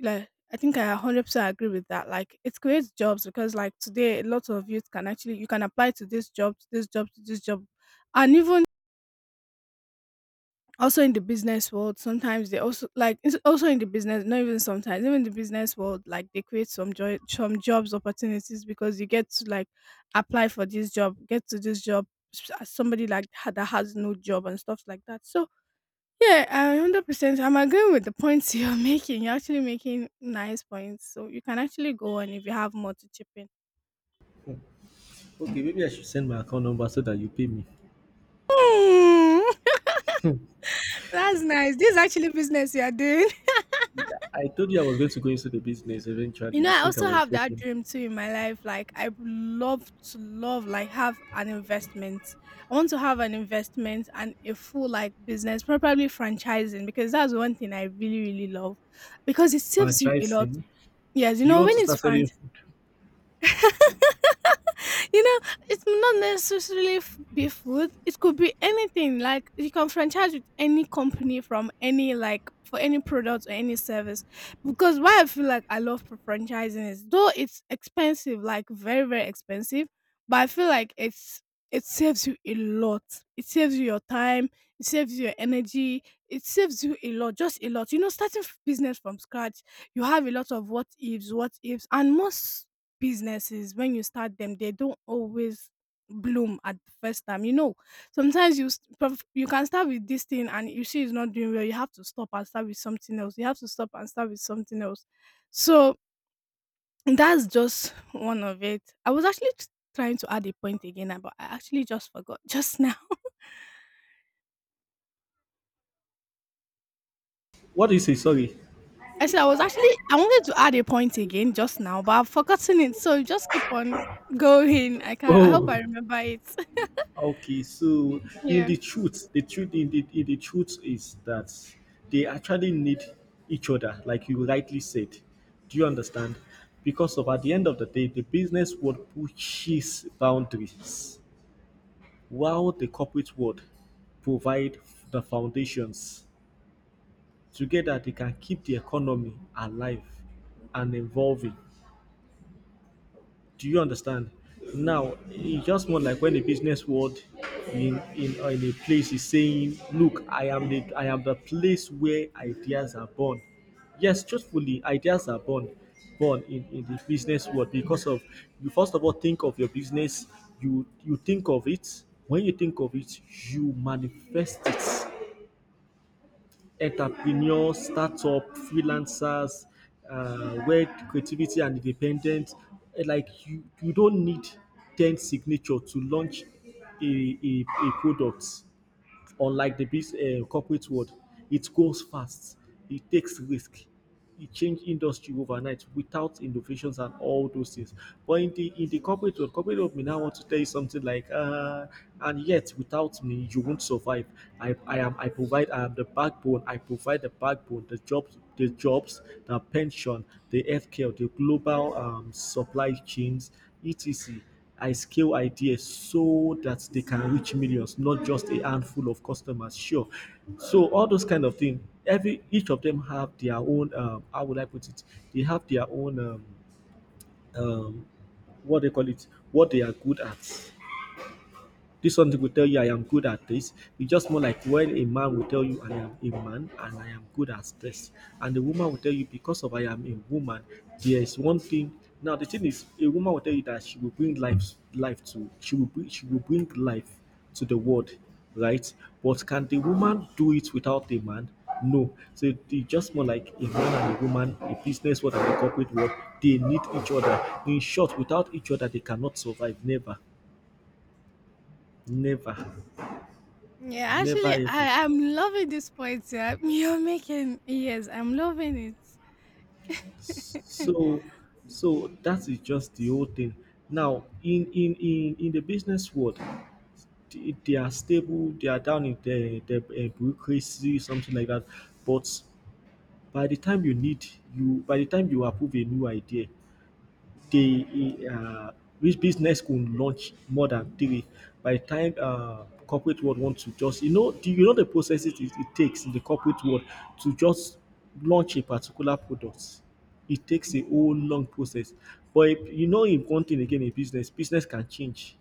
[SPEAKER 1] Like I think I 100% agree with that. Like it creates jobs because like today a lot of youth can actually you can apply to this job, to this job, to this job and even also in the business world sometimes they also like it's also in the business not even sometimes even in the business world like they create some joy some jobs opportunities because you get to like apply for this job get to this job as somebody like that has no job and stuff like that so yeah, I 100% I'm agreeing with the points you're making, you're actually making nice points, so you can actually go on if you have more to chip in.
[SPEAKER 2] Okay, maybe I should send my account number so that you pay me.
[SPEAKER 1] Hmm. That's nice, this is actually business you're doing.
[SPEAKER 2] I told you I was going to go into the business
[SPEAKER 1] You
[SPEAKER 2] eventually.
[SPEAKER 1] know,
[SPEAKER 2] You
[SPEAKER 1] I
[SPEAKER 2] think I
[SPEAKER 1] also
[SPEAKER 2] was
[SPEAKER 1] have that
[SPEAKER 2] joking?
[SPEAKER 1] dream too in my life. Like, I would love to love like have an investment. I want to have an investment and a full like business, probably franchising, because that's one thing I really really love, because it saves you a lot.
[SPEAKER 2] Franchising.
[SPEAKER 1] Yes, you
[SPEAKER 2] Do you
[SPEAKER 1] know
[SPEAKER 2] want
[SPEAKER 1] when
[SPEAKER 2] to
[SPEAKER 1] it's
[SPEAKER 2] start selling
[SPEAKER 1] franchising.
[SPEAKER 2] food?
[SPEAKER 1] You know, it's not necessarily be food. It could be anything. Like you can franchise with any company from any like for any product or any service. Because why I feel like I love franchising is though it's expensive, like very very expensive, but I feel like it's it saves you a lot. It saves you your time. It saves you your energy. It saves you a lot, just a lot. You know, starting business from scratch, you have a lot of what ifs, and most businesses when you start them they don't always bloom at the first time, you know. Sometimes you can start with this thing and you see it's not doing well, you have to stop and start with something else, you have to stop and start with something else. So that's just one of it. I was actually trying to add a point again, but I actually just forgot just now.
[SPEAKER 2] What do you say? Sorry.
[SPEAKER 1] I said I was actually I wanted to add a point again just now but I've forgotten it, so just keep on going. I can I hope I
[SPEAKER 2] Oh,
[SPEAKER 1] remember it.
[SPEAKER 2] okay. So in
[SPEAKER 1] Yeah.
[SPEAKER 2] the truth in the truth is that they actually need each other, like you rightly said. Do you understand? Because of at the end of the day, the business world pushes boundaries, while the corporate world provide the foundations. Together, they can keep the economy alive and evolving. Do you understand? Now, it's just more like when a business world in a place is saying, "Look, I am the place where ideas are born." Yes, truthfully, ideas are born in the business world because of you first of all think of your business you think of it when you think of it you manifest it entrepreneurs, startup, freelancers, where creativity and independence, like you don't need 10 signature to launch a product unlike the biz corporate world it goes fast it takes risk it change industry overnight without innovations and all those things but in the corporate world may now want to tell you something like and yet without me you won't survive I am the backbone I provide the backbone the jobs the pension the healthcare the global supply chains etc. I scale ideas so that they can reach millions, not just a handful of customers. Sure. So all those kind of things, every each of them have their own. How would I put it? They have their own. Um, what they call it? What they are good at. This something will tell you I am good at this. It's just more like when a man will tell you I am a man and I am good at this. And the woman will tell you because of I am a woman, there is one thing. Now the thing is a woman will tell you that she will she will bring life to the world, right? But can the woman do it without the man? No. So it's just more like a man and a woman, a business world and a corporate world, they need each other. In short, without each other, they cannot survive. Never. Never.
[SPEAKER 1] Yeah, actually,
[SPEAKER 2] Never ever.
[SPEAKER 1] I am loving this point. Yeah, you're making yes, I'm loving it.
[SPEAKER 2] So so that is just the whole thing. Now in the business world, they are stable, they are down in the bureaucracy, something like that. But by the time you need by the time you approve a new idea, the which business could launch more than three by the time corporate world want to just you know you know the processes it takes in the corporate world to just launch a particular product it takes a whole long process but if, you know in one thing again in business business can change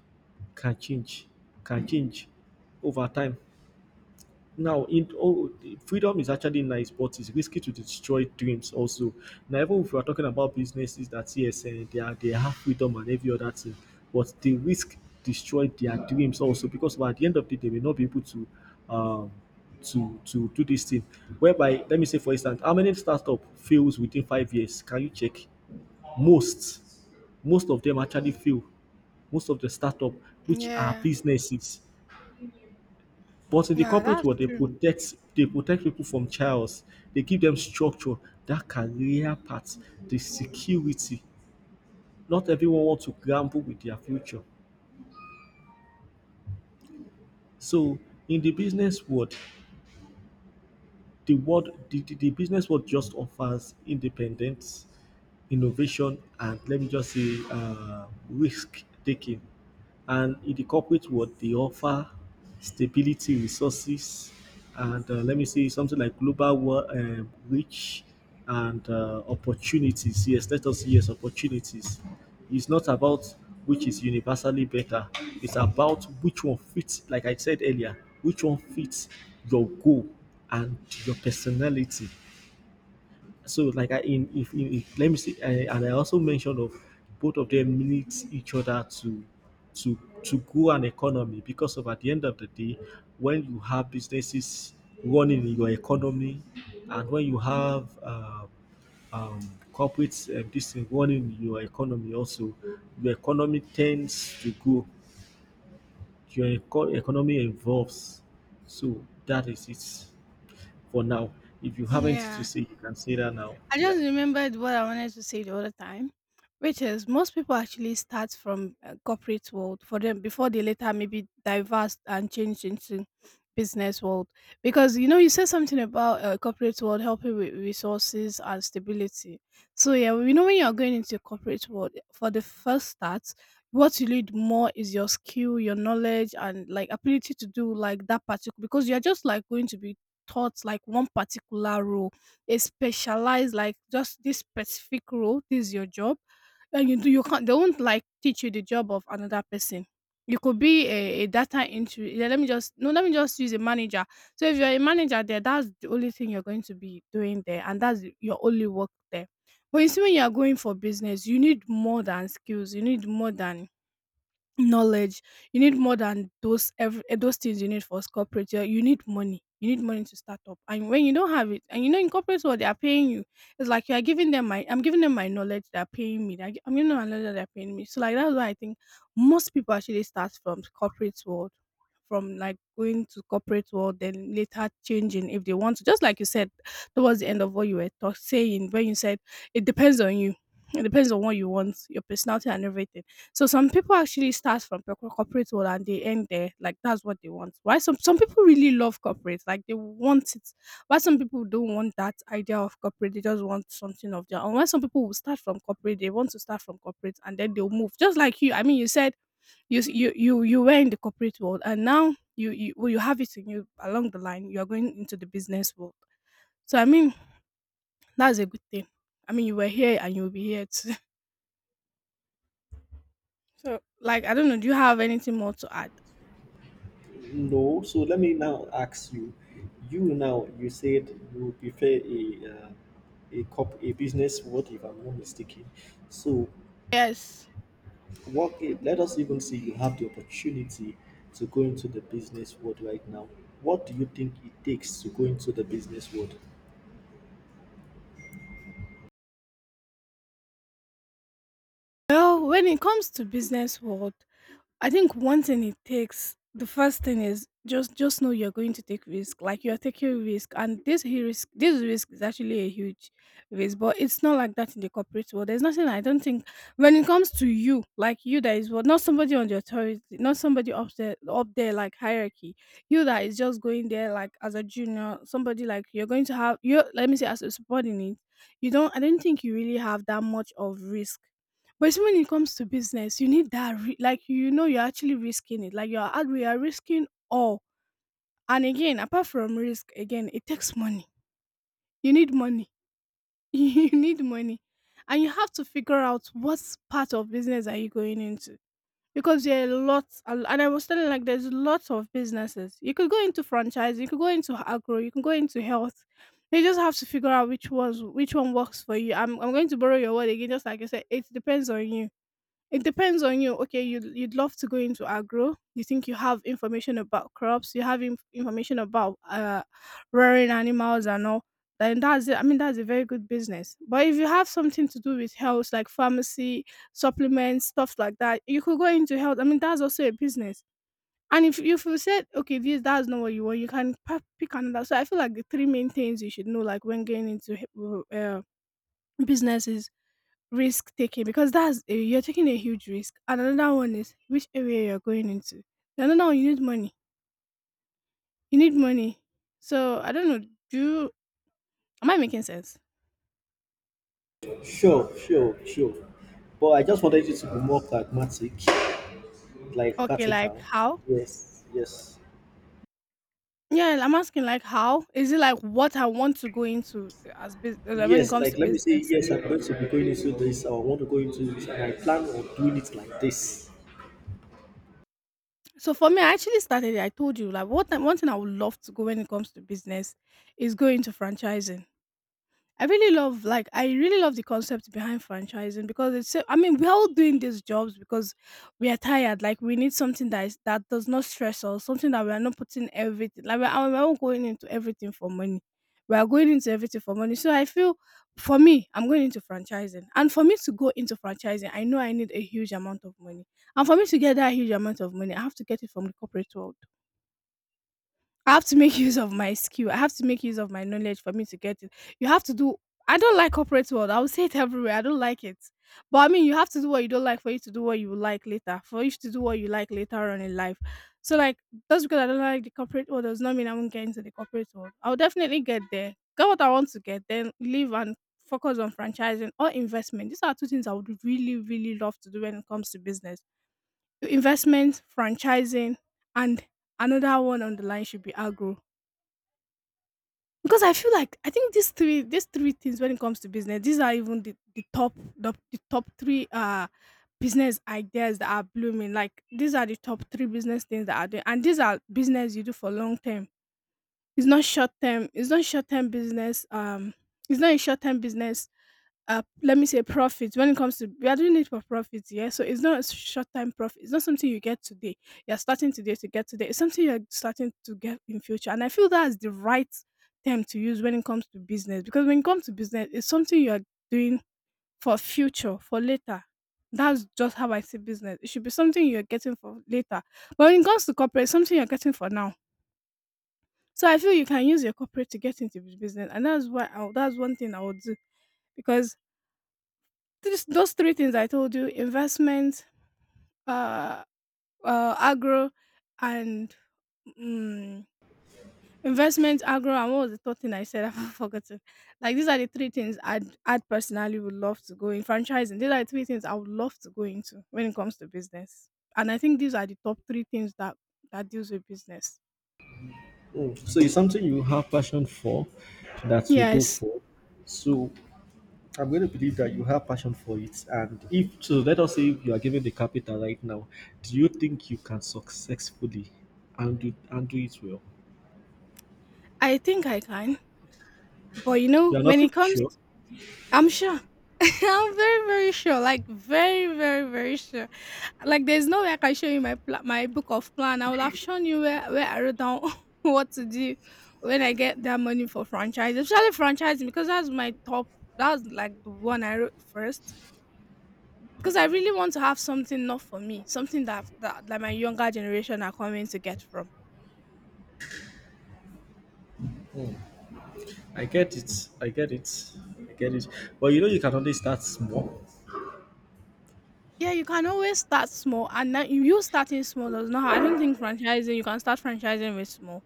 [SPEAKER 2] can change can change over time now, in oh, the freedom is actually nice, but it's risky to destroy dreams also. Now, even if we are talking about businesses that yes, they are they have freedom and every other thing, but they risk destroy their dreams also because by the end of the day, they may not be able um, to do this thing. Whereby, let me say for instance, how many startup fails within 5 years? Can you check? Most, most of them actually fail. Most of the startup, which are
[SPEAKER 1] Yeah,
[SPEAKER 2] businesses, but in the
[SPEAKER 1] yeah,
[SPEAKER 2] corporate
[SPEAKER 1] that's
[SPEAKER 2] world,
[SPEAKER 1] true.
[SPEAKER 2] they protect people from chaos. They give them structure, that career path, the security. Not everyone wants to gamble with their future. So in the business world, the business world just offers independence innovation, and let me just say risk taking. And in the corporate world, they offer stability, resources, and let me say something like global world reach and opportunities. Yes, let us say yes, opportunities. It's not about which is universally better. It's about which one fits, like I said earlier, which one fits your goal and your personality. So like I in if, let me see I, and I also mentioned of both of them need each other to to grow an economy because of at the end of the day when you have businesses running in your economy and when you have um, corporate this thing running in your economy also your economy tends to grow, your economy evolves. So that is it for now. If you haven't to
[SPEAKER 1] Yeah.
[SPEAKER 2] say you can say that now,
[SPEAKER 1] I
[SPEAKER 2] yeah.
[SPEAKER 1] just remembered what I wanted to say the other time, which is most people actually start from corporate world for them before they later maybe diverse and change into business world. Because you know you said something about corporate world helping with resources and stability. So yeah, we know when you are going into corporate world for the first start, what you need more is your skill, your knowledge, and like ability to do like that particular because you are just like going to be taught like one particular role, a specialized like just this specific role, this is your job. And you do you can't they won't like teach you the job of another person. You could be a data entry. Yeah, let me just no, let me just use a manager. So if you're a manager there, that's the only thing you're going to be doing there, and that's your only work there. But you see, when you are going for business, you need more than skills. You need more than knowledge, you need more than those every, those things you need for corporate. You need money, you need money to start up, and when you don't have it and you know in corporate world they are paying you, it's like you are giving them my I'm giving them my knowledge they're paying me, I'm giving them my knowledge that they're paying me. So like that's why I think most people actually start from corporate world, from like going to corporate world then later changing if they want to, just like you said towards the end of what you were saying, when you said it depends on you, it depends on what you want, your personality and everything. So some people actually start from corporate world and they end there, like that's what they want. Why some people really love corporate, like they want it. Why some people don't want that idea of corporate, they just want something of their own. Why some people will start from corporate, they want to start from corporate and then they'll move. Just like you, I mean, you said you s- you were in the corporate world and now you well, you have it in you along the line. You are going into the business world. So I mean, that's a good thing. I mean, you were here and you'll be here too. So like, I don't know. Do you have anything more to add?
[SPEAKER 2] No, so let me now ask you. You now you said you prefer a cop a business. What if I'm not mistaken? So
[SPEAKER 1] Yes.
[SPEAKER 2] what? Let us even say you have the opportunity to go into the business world right now. What do you think it takes to go into the business world?
[SPEAKER 1] Well, when it comes to business world, I think one thing it takes the first thing is just know you're going to take risk. Like you're taking risk and this risk this risk is actually a huge risk, but it's not like that in the corporate world. There's nothing I don't think when it comes to you, like you that is what, not somebody on the authority, not somebody up there like hierarchy. You that is just going there like as a junior, somebody like you're going to have you let me say as a subordinate, you don't I don't think you really have that much of risk, but it's when it comes to business, you need that ri like, you know you're actually risking it. Like, you're at you're risking all. And again, apart from risk, again, it takes money. You need money. You need money. And you have to figure out what part of business are you going into. Because there are lots, and I was telling like there's lots of businesses. You could go into franchise, you could go into agro, you can go into health. You just have to figure out which ones which one works for you. I'm going to borrow your word again, just like I said, it depends on you, it depends on you. Okay, you'd you'd love to go into agro. You think you have information about crops. You have information about rearing animals and all. Then that's it. I mean, that's a very good business. But if you have something to do with health, like pharmacy, supplements, stuff like that, you could go into health. I mean, that's also a business. And if you said, okay, this that's not what you want, you can pick another. So I feel like the three main things you should know, like when going into businesses: risk taking because that's a, you're taking a huge risk. And another one is which area you're going into. And another one, you need money. You need money. So I don't know. Do am I making sense?
[SPEAKER 2] Sure, sure, sure. But I just wanted you to be more pragmatic, like
[SPEAKER 1] Okay, like
[SPEAKER 2] practical.
[SPEAKER 1] how?
[SPEAKER 2] Yes, yes.
[SPEAKER 1] Yeah, I'm asking like how is it like what I want to go into as business when it
[SPEAKER 2] Yes,
[SPEAKER 1] comes to
[SPEAKER 2] like let me say,
[SPEAKER 1] business.
[SPEAKER 2] yes, I'm going to be going into this, or I want to go into this, and I plan on doing it like this.
[SPEAKER 1] So for me, I actually started. It, I told you like what one thing I would love to go when it comes to business is go into franchising. I really love like I really love the concept behind franchising because I mean we're all doing these jobs because we are tired. Like we need something that is that does not stress us, something that we are not putting everything like we are not going into everything for money. We are going into everything for money. So I feel for me, I'm going into franchising. And for me to go into franchising, I know I need a huge amount of money. And for me to get that huge amount of money, I have to get it from the corporate world. I have to make use of my skill. I have to make use of my knowledge for me to get it. You have to do. I don't like corporate world. I will say it everywhere. I don't like it. But I mean, you have to do what you don't like for you to do what you like later. For you to do what you like later on in life. So like, just because I don't like the corporate world does not mean I won't get into the corporate world. I'll definitely get there. Get what I want to get, then leave and focus on franchising or investment. These are two things I would really, really love to do when it comes to business: investment, franchising, and another one on the line should be agro because I feel like I think these three things when it comes to business, these are even the top the top three business ideas that are blooming. Like these are the top three business things that are doing and these are business you do for long term. It's not short term, it's not short term business. It's not a short term business. Let me say profit. When it comes to we are doing it for profit, yeah, so it's not a short time profit. It's not something you get today. You're starting today to get today. It's something you're starting to get in future, and I feel that's the right term to use when it comes to business, because when it comes to business, it's something you're doing for future, for later. That's just how I see business. It should be something you're getting for later. But when it comes to corporate, it's something you're getting for now. So I feel you can use your corporate to get into the business, and that's that's one thing I would do. Because those three things I told you: investment, uh, agro, and mm, investment, agro, and what was the third thing I said? I've forgotten. Like these are the three things I'd personally would love to go in franchising. These are the three things I would love to go into when it comes to business. And I think these are the top three things that deals with business.
[SPEAKER 2] Mm. So it's something you have passion for that you go
[SPEAKER 1] Yes,
[SPEAKER 2] for. So I'm going to believe that you have passion for it. And if so, let us say you are given the capital right now, do you think you can successfully and do it well?
[SPEAKER 1] I think I can. But you
[SPEAKER 2] You
[SPEAKER 1] know,
[SPEAKER 2] are not
[SPEAKER 1] when it
[SPEAKER 2] even
[SPEAKER 1] comes,
[SPEAKER 2] sure.
[SPEAKER 1] I'm sure. I'm very, very sure. Like very, very, very sure. Like there's no way I can show you my my book of plan. I would have shown you where I wrote down what to do when I get that money for franchise, especially franchising, because that's my top. That's like the one I wrote first, because I really want to have something not for me, something that my younger generation are coming to get from.
[SPEAKER 2] I get it. I get it. I get it. But you know, you can only start small.
[SPEAKER 1] Yeah, you can always start small, and that you starting small does not. I don't think franchising. You can start franchising with small.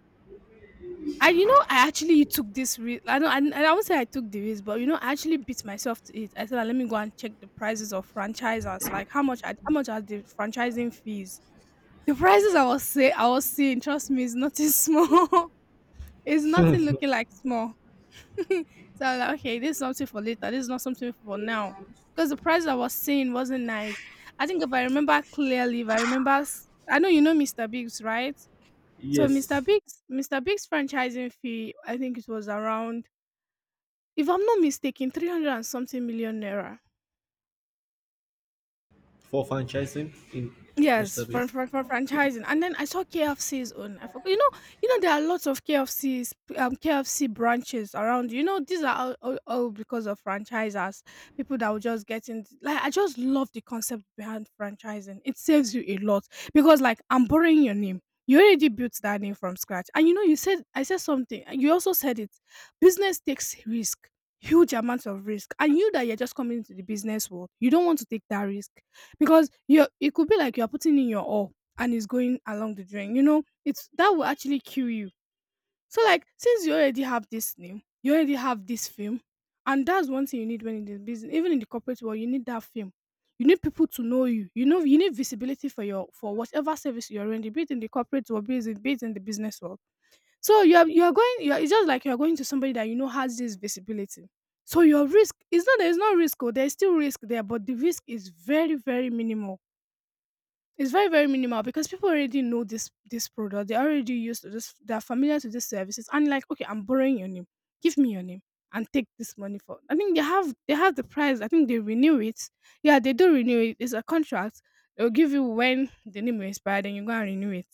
[SPEAKER 1] I, you know, I actually took this risk. I don't. I won't say I took the risk, but you know I actually beat myself to it. I said, "Ah, let me go and check the prices of franchisers. Like how much? How much are the franchising fees? The prices I was seeing. Trust me, it's nothing small. It's nothing looking like small. So I was like, okay, this is something for later. This is not something for now. Because the price I was seeing wasn't nice. I think if I remember clearly, if I remember, I know you know Mr. Biggs, right? So Mr.
[SPEAKER 2] Yes,
[SPEAKER 1] Big's Mr. Big's franchising fee, I think it was around, if I'm not mistaken, 300 and something million naira.
[SPEAKER 2] for franchising in
[SPEAKER 1] Yes,
[SPEAKER 2] Mr.
[SPEAKER 1] from
[SPEAKER 2] Beast.
[SPEAKER 1] from from franchising, and then I saw KFC's own. I forgot, you know there are lots of KFC branches around. You know, these are all because of franchisers, people that will just get in. Like I just love the concept behind franchising. It saves you a lot, because like I'm borrowing your name. You already built that name from scratch, and you know you said I said something. And You also said it. Business takes risk, huge amounts of risk, and you that you're just coming into the business world, you don't want to take that risk, because you it could be like you're putting in your all and it's going along the drain. You know it's that will actually kill you. So like since you already have this name, you already have this film, and that's one thing you need when in the business. Even in the corporate world, you need that film. You need people to know you. You know, you need visibility for your for whatever service you're in, be it in the corporate world, be it in the business world. So it's just like you're going to somebody that you know has this visibility. So your risk is not there's no risk, or there's still risk there, but the risk is very, very minimal. It's very, very minimal, because people already know this product. They're already used to this. They're familiar to these services, and like, okay, I'm borrowing your name. Give me your name and take this money for. I think they have the price. I think they renew it. Yeah, they do renew it. It's a contract. They'll give you when the name will expire, then you go and renew it.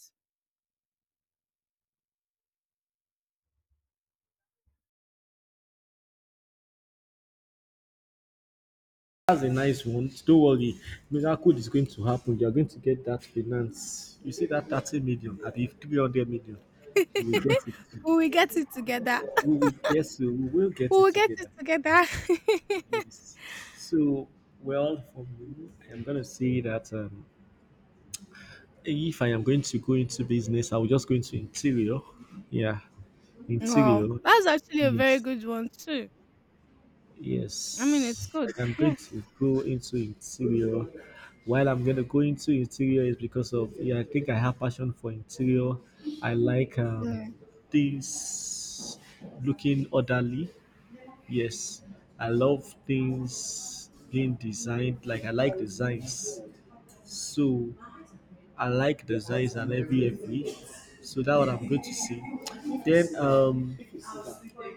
[SPEAKER 2] That's a nice one. Don't worry, miracle is going to happen. You are going to get that finance. You see that 30 million, at the 300 million, you will get it.
[SPEAKER 1] We will get it together.
[SPEAKER 2] We will, yes, we will
[SPEAKER 1] We
[SPEAKER 2] get it
[SPEAKER 1] will get it
[SPEAKER 2] together.
[SPEAKER 1] together.
[SPEAKER 2] Yes. So, well, for me, I'm going to say that, if I am going to go into business, I will just go into interior. Yeah,
[SPEAKER 1] Wow,
[SPEAKER 2] interior.
[SPEAKER 1] that's actually a very
[SPEAKER 2] Yes.
[SPEAKER 1] good one too. I mean, it's
[SPEAKER 2] Yes, I
[SPEAKER 1] good.
[SPEAKER 2] can break
[SPEAKER 1] Yes.
[SPEAKER 2] to go into interior. While I'm gonna go into interior is because of, yeah, I think I have passion for interior. I like
[SPEAKER 1] Yeah.
[SPEAKER 2] things looking orderly. Yes, I love things being designed. Like I like designs, so I like designs and every every. So that's what I'm going to say. Then um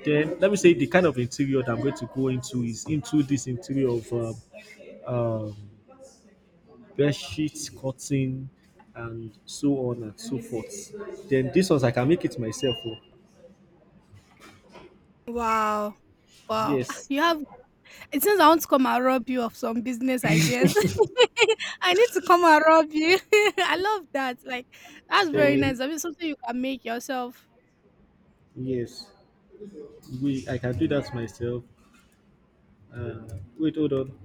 [SPEAKER 2] then let me say the kind of interior that I'm going to go into is into this interior of um, bed sheets, cotton, and so on and so forth. Then this ones I can make it myself. Oh.
[SPEAKER 1] Wow. Wow. Ah,
[SPEAKER 2] Yes.
[SPEAKER 1] you have. It seems I want to come and rob you of some business ideas. I need to come and rob you. I love that. Like that's very nice.
[SPEAKER 2] Then
[SPEAKER 1] I mean, something you can make yourself.
[SPEAKER 2] yes, we I can do
[SPEAKER 1] Mm.
[SPEAKER 2] that
[SPEAKER 1] Yeah.
[SPEAKER 2] myself. Uh, wait, hold on.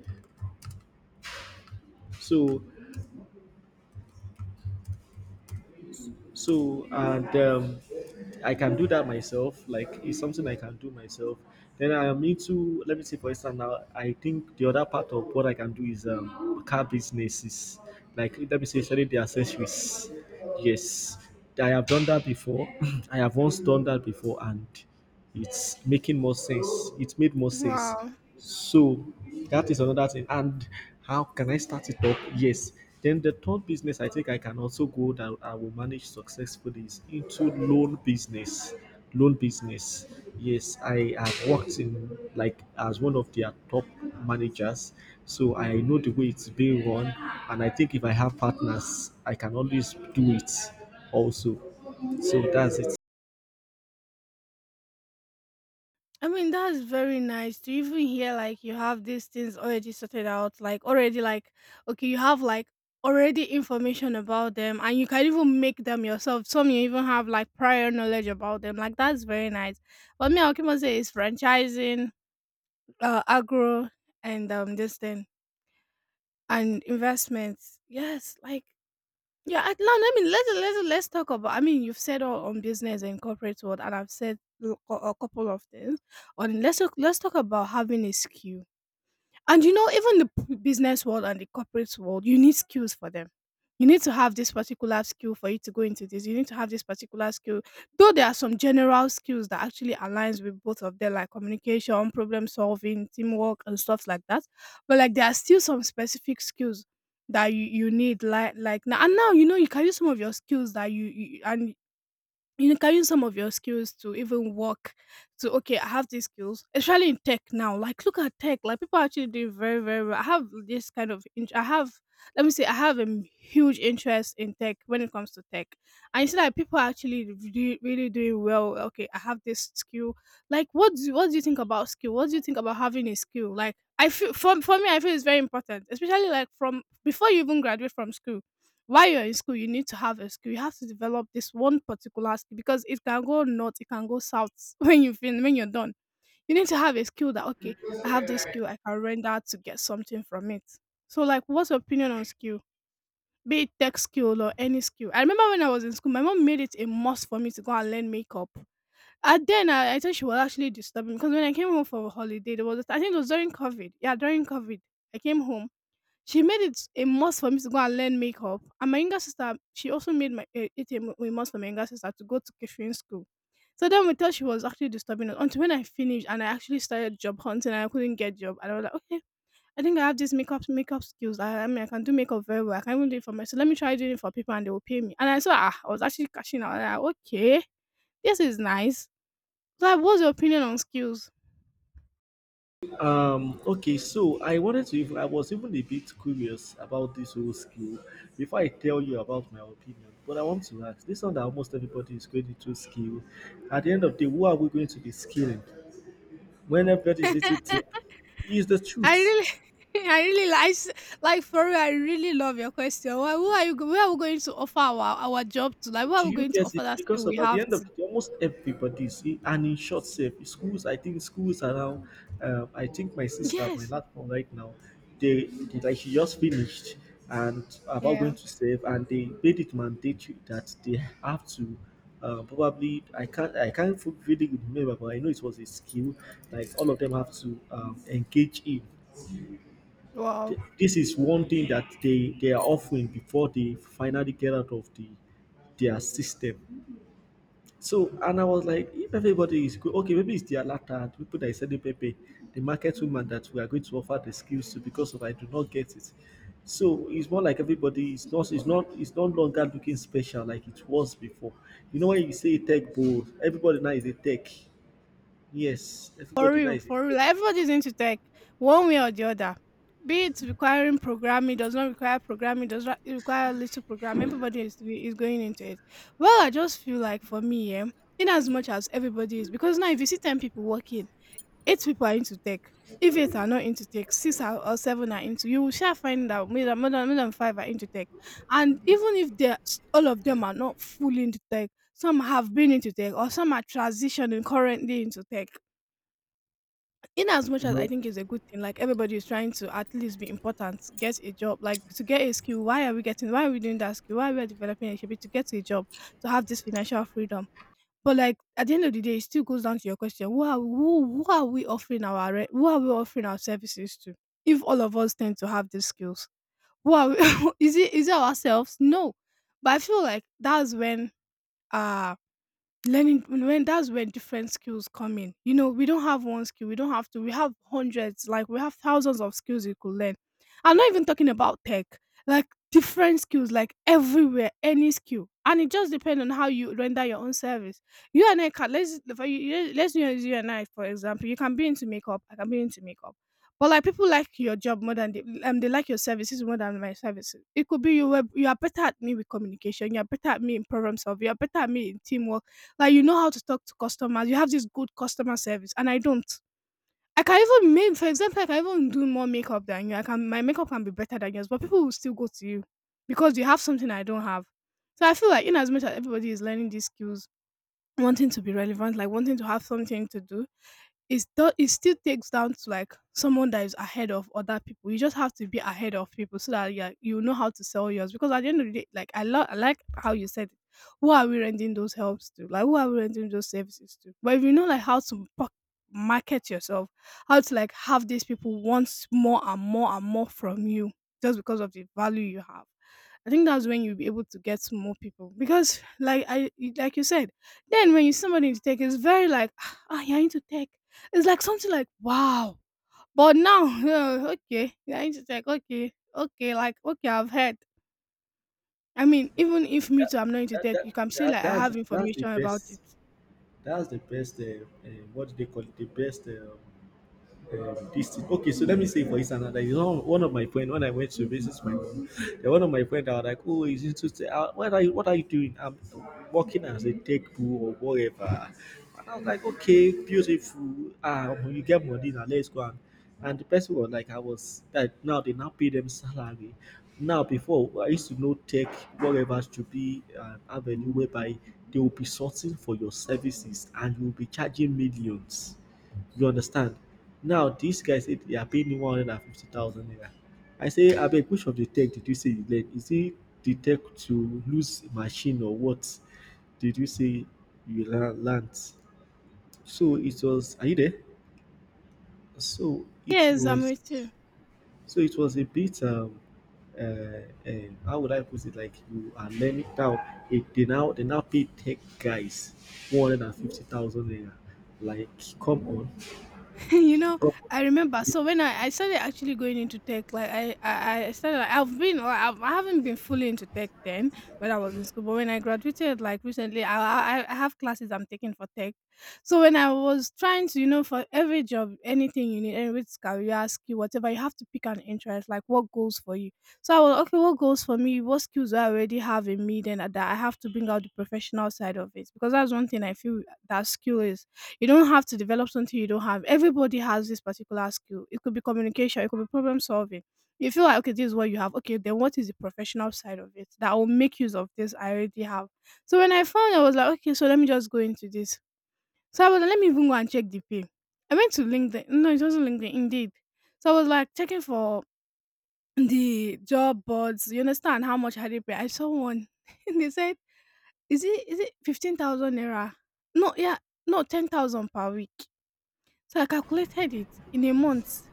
[SPEAKER 2] So so and I can do that myself, like it's something I can do myself. Then I am into, let me say for instance now, I think the other part of what I can do is car businesses, like let me say selling the accessories. Yes, I have done that before. I have once done that before, and it's making more sense. It made more sense.
[SPEAKER 1] Wow.
[SPEAKER 2] So that is another thing. And how can I start it up? Yes. Then the third business I think I can also go that I will manage successfully is into loan business. Loan business. Yes, I have worked in like as one of their top managers. So I know the way it's being run. And I think if I have partners, I can always do it also. So that's it.
[SPEAKER 1] I mean, that's very nice to even hear like you have these things already sorted out, like already like okay, you have like already information about them and you can even make them yourself. Some you even have like prior knowledge about them. Like that's very nice. But me, I'll keep on saying it's franchising, agro and this thing. And investments. Yes, like yeah, I, no, I mean let's talk about I mean you've said all on business and corporate world, and I've said a couple of things. On let's talk about having a skill. And you know, even the business world and the corporate world, you need skills for them. You need to have this particular skill for you to go into this. You need to have this particular skill, though there are some general skills that actually aligns with both of them, like communication, problem solving, teamwork and stuff like that. But like there are still some specific skills that you need, like now and now. You know you can use some of your skills that you can use some of your skills to even work to okay, I have these skills, especially in tech now. Like look at tech, like people are actually doing very, very well. I have this kind of I have, let me say I have a huge interest in tech when it comes to tech. And you see that people are actually really, really doing well. Okay, I have this skill. Like what do you think about skill? What do you think about having a skill? Like I feel for me I feel it's very important, especially like from before you even graduate from school while you're in school, you need to have a skill. You have to develop this one particular skill, because it can go north, it can go south when you when you're done. You need to have a skill that okay, I have this skill, I can render to get something from it. So like, what's your opinion on skill? Be it tech skill or any skill. I remember when I was in school, my mom made it a must for me to go and learn makeup. And then I thought she was actually disturbing, because when I came home for a holiday, there was a, I think it was during COVID. Yeah, during COVID, I came home she made it a must for me to go and learn makeup. And my younger sister, she also made my it a a must for my younger sister to go to catering school. So then we thought she was actually disturbing us until when I finished and I actually started job hunting and I couldn't get job. And I was like, okay, I think I have these makeup skills. I mean, I can do makeup very well. I can even do it for myself. Let me try doing it for people and they will pay me. And I saw ah, I was actually cashing out. And I like, okay, this is nice. So, like, what's your opinion on skills?
[SPEAKER 2] Okay, so I wanted to, even I was even a bit curious about this whole skill before I tell you about my opinion. But I want to ask this one that almost everybody is going into skill. At the end of the day, who are we going to be skilling? When everybody is into tech, is the
[SPEAKER 1] I
[SPEAKER 2] truth.
[SPEAKER 1] really, I really like for real, I really love your question. Why, who are you? Where are we going to offer our job to? Like, where
[SPEAKER 2] Do
[SPEAKER 1] are we
[SPEAKER 2] you
[SPEAKER 1] going to
[SPEAKER 2] get
[SPEAKER 1] offer
[SPEAKER 2] it?
[SPEAKER 1] that skill
[SPEAKER 2] Because
[SPEAKER 1] we
[SPEAKER 2] of at the
[SPEAKER 1] have
[SPEAKER 2] end
[SPEAKER 1] to?
[SPEAKER 2] of the day, almost everybody see, and in short, safe schools. I think schools are now. I think my sister, my
[SPEAKER 1] Yes.
[SPEAKER 2] lad one right now, they like she just finished and about going
[SPEAKER 1] Yeah.
[SPEAKER 2] to save, and they made it mandatory that they have to. Probably I can't really remember, but I know it was a skill. Like all of them have to engage in.
[SPEAKER 1] Wow.
[SPEAKER 2] This is one thing that they are offering before they finally get out of the their system. So, and I was like, if everybody is good, okay, maybe it's the latter, the people that is selling Pepe, the market woman that we are going to offer the skills to because of I do not get it. So it's more like everybody is, not, it's not, it's no longer looking special like it was before. You know when you say tech bold, everybody now is a tech. Yes,
[SPEAKER 1] For
[SPEAKER 2] everybody now
[SPEAKER 1] real,
[SPEAKER 2] is a
[SPEAKER 1] for real.
[SPEAKER 2] tech.
[SPEAKER 1] Like, everybody's into tech, one way or the other. Be it requiring programming, does not require programming, does not it require little programming. Everybody is going into it. Well, I just feel like for me, yeah, in as much as everybody is, because now if you see 10 people working 8 people are into tech. If 8 are not into tech, 6 are, or 7 are into, you will shall find that more than, more than 5 are into tech. And even if they all of them are not fully into tech, some have been into tech or some are transitioning currently into tech. In as much as I
[SPEAKER 2] Well,
[SPEAKER 1] think it's a good thing, like everybody is trying to at least be important, get a job, like to get a skill. Why are we getting? Why are we doing that skill? Why are we developing a skill to get a job to have this financial freedom? But like at the end of the day, it still goes down to your question: who are we offering who are we offering our services to? If all of us tend to have these skills, who are we, is it ourselves? No, but I feel like uh that's when different skills come in, you know, we don't have one skill, we don't have to we have hundreds, like we have thousands of skills you could learn. I'm not even talking about tech, like different skills, like everywhere, any skill, and it just depends on how you render your own service. You and I can Let's use you and I for example. You can be into makeup, I can be into makeup, but like people like your job more than they like your services more than my services. It could be you are better at me with communication, you are better at me in problem solving, you are better at me in teamwork, like you know how to talk to customers. You have this good customer service, and I don't. I can even make, for example, I can even do more makeup than you. I can My makeup can be better than yours, but people will still go to you because you have something I don't have. So I feel like in as much as everybody is learning these skills, wanting to be relevant, like wanting to have something to do, it still takes down to like someone that is ahead of other people. You just have to be ahead of people so that, yeah, you know how to sell yours. Because at the end of the day, like I like how you said it. Who are we renting those helps to? Like who are we renting those services to? But if you know like how to market yourself, how to like have these people want more and more and more from you just because of the value you have. I think that's when you'll be able to get more people because, like you said, then when you somebody into tech, it's very like, ah, ah, you're into tech. It's like something like, "Wow!" But now, yeah, okay, I need to take, okay, okay, like, okay, I've heard. I mean, even if me too, I'm not into
[SPEAKER 2] that,
[SPEAKER 1] tech,
[SPEAKER 2] that,
[SPEAKER 1] you can say
[SPEAKER 2] that
[SPEAKER 1] like I
[SPEAKER 2] that's
[SPEAKER 1] have
[SPEAKER 2] that's the
[SPEAKER 1] information about it.
[SPEAKER 2] best. That's the best. What do they call it? The best. This thing. Okay, so let me say for instance that is one one of my friend when I went to visit my mom, then one of my friend I was like, oh, is it Tuesday? What are you what are you doing? I'm working as a tech boo or whatever. And I was like, okay, beautiful. Ah, when you get money now, let's go and. And the person was like, I was that now they now pay them salary. Now before I used to know tech whatever to be an avenue whereby they will be sorting for your services and you will be charging millions, you understand? Now this guy said they are paying him 150,000 naira. I say abeg which of the tech did you say you learn? Is it the tech to lose machine or what did you say you la learnt? So it was, are you there? So it
[SPEAKER 1] Yes, I'm
[SPEAKER 2] was,
[SPEAKER 1] with you.
[SPEAKER 2] so it was a bit uh, uh, how would I put it? Like you are learning now. It, they now pay tech guys 150,000 naira. Like come on,
[SPEAKER 1] You know,
[SPEAKER 2] come
[SPEAKER 1] I remember. So when I started actually going into tech, like I started. Like, I've been like, I haven't been fully into tech then when I was in school. But when I graduated, like recently, I have classes I'm taking for tech. So when I was trying to, you know, for every job, anything you need, any which career skill, whatever, you have to pick an interest, like what goes for you. So I was okay. What goes for me? What skills do I already have in me? Then that I have to bring out the professional side of it because that's one thing I feel that skill is you don't have to develop something you don't have. Everybody has this particular skill. It could be communication, it could be problem solving. You feel like okay, this is what you have. Okay, then what is the professional side of it that will make use of this I already have? So when I found, I was like, okay, so let me just go into this. So I was like, let me even go and check the pay. I went to LinkedIn. No, it wasn't LinkedIn. Indeed. So I was like checking for the job boards. You understand how much had they pay? I saw one. And they said, is it 15,000 naira? No, yeah, no, 10,000 per week. So I calculated it in a month.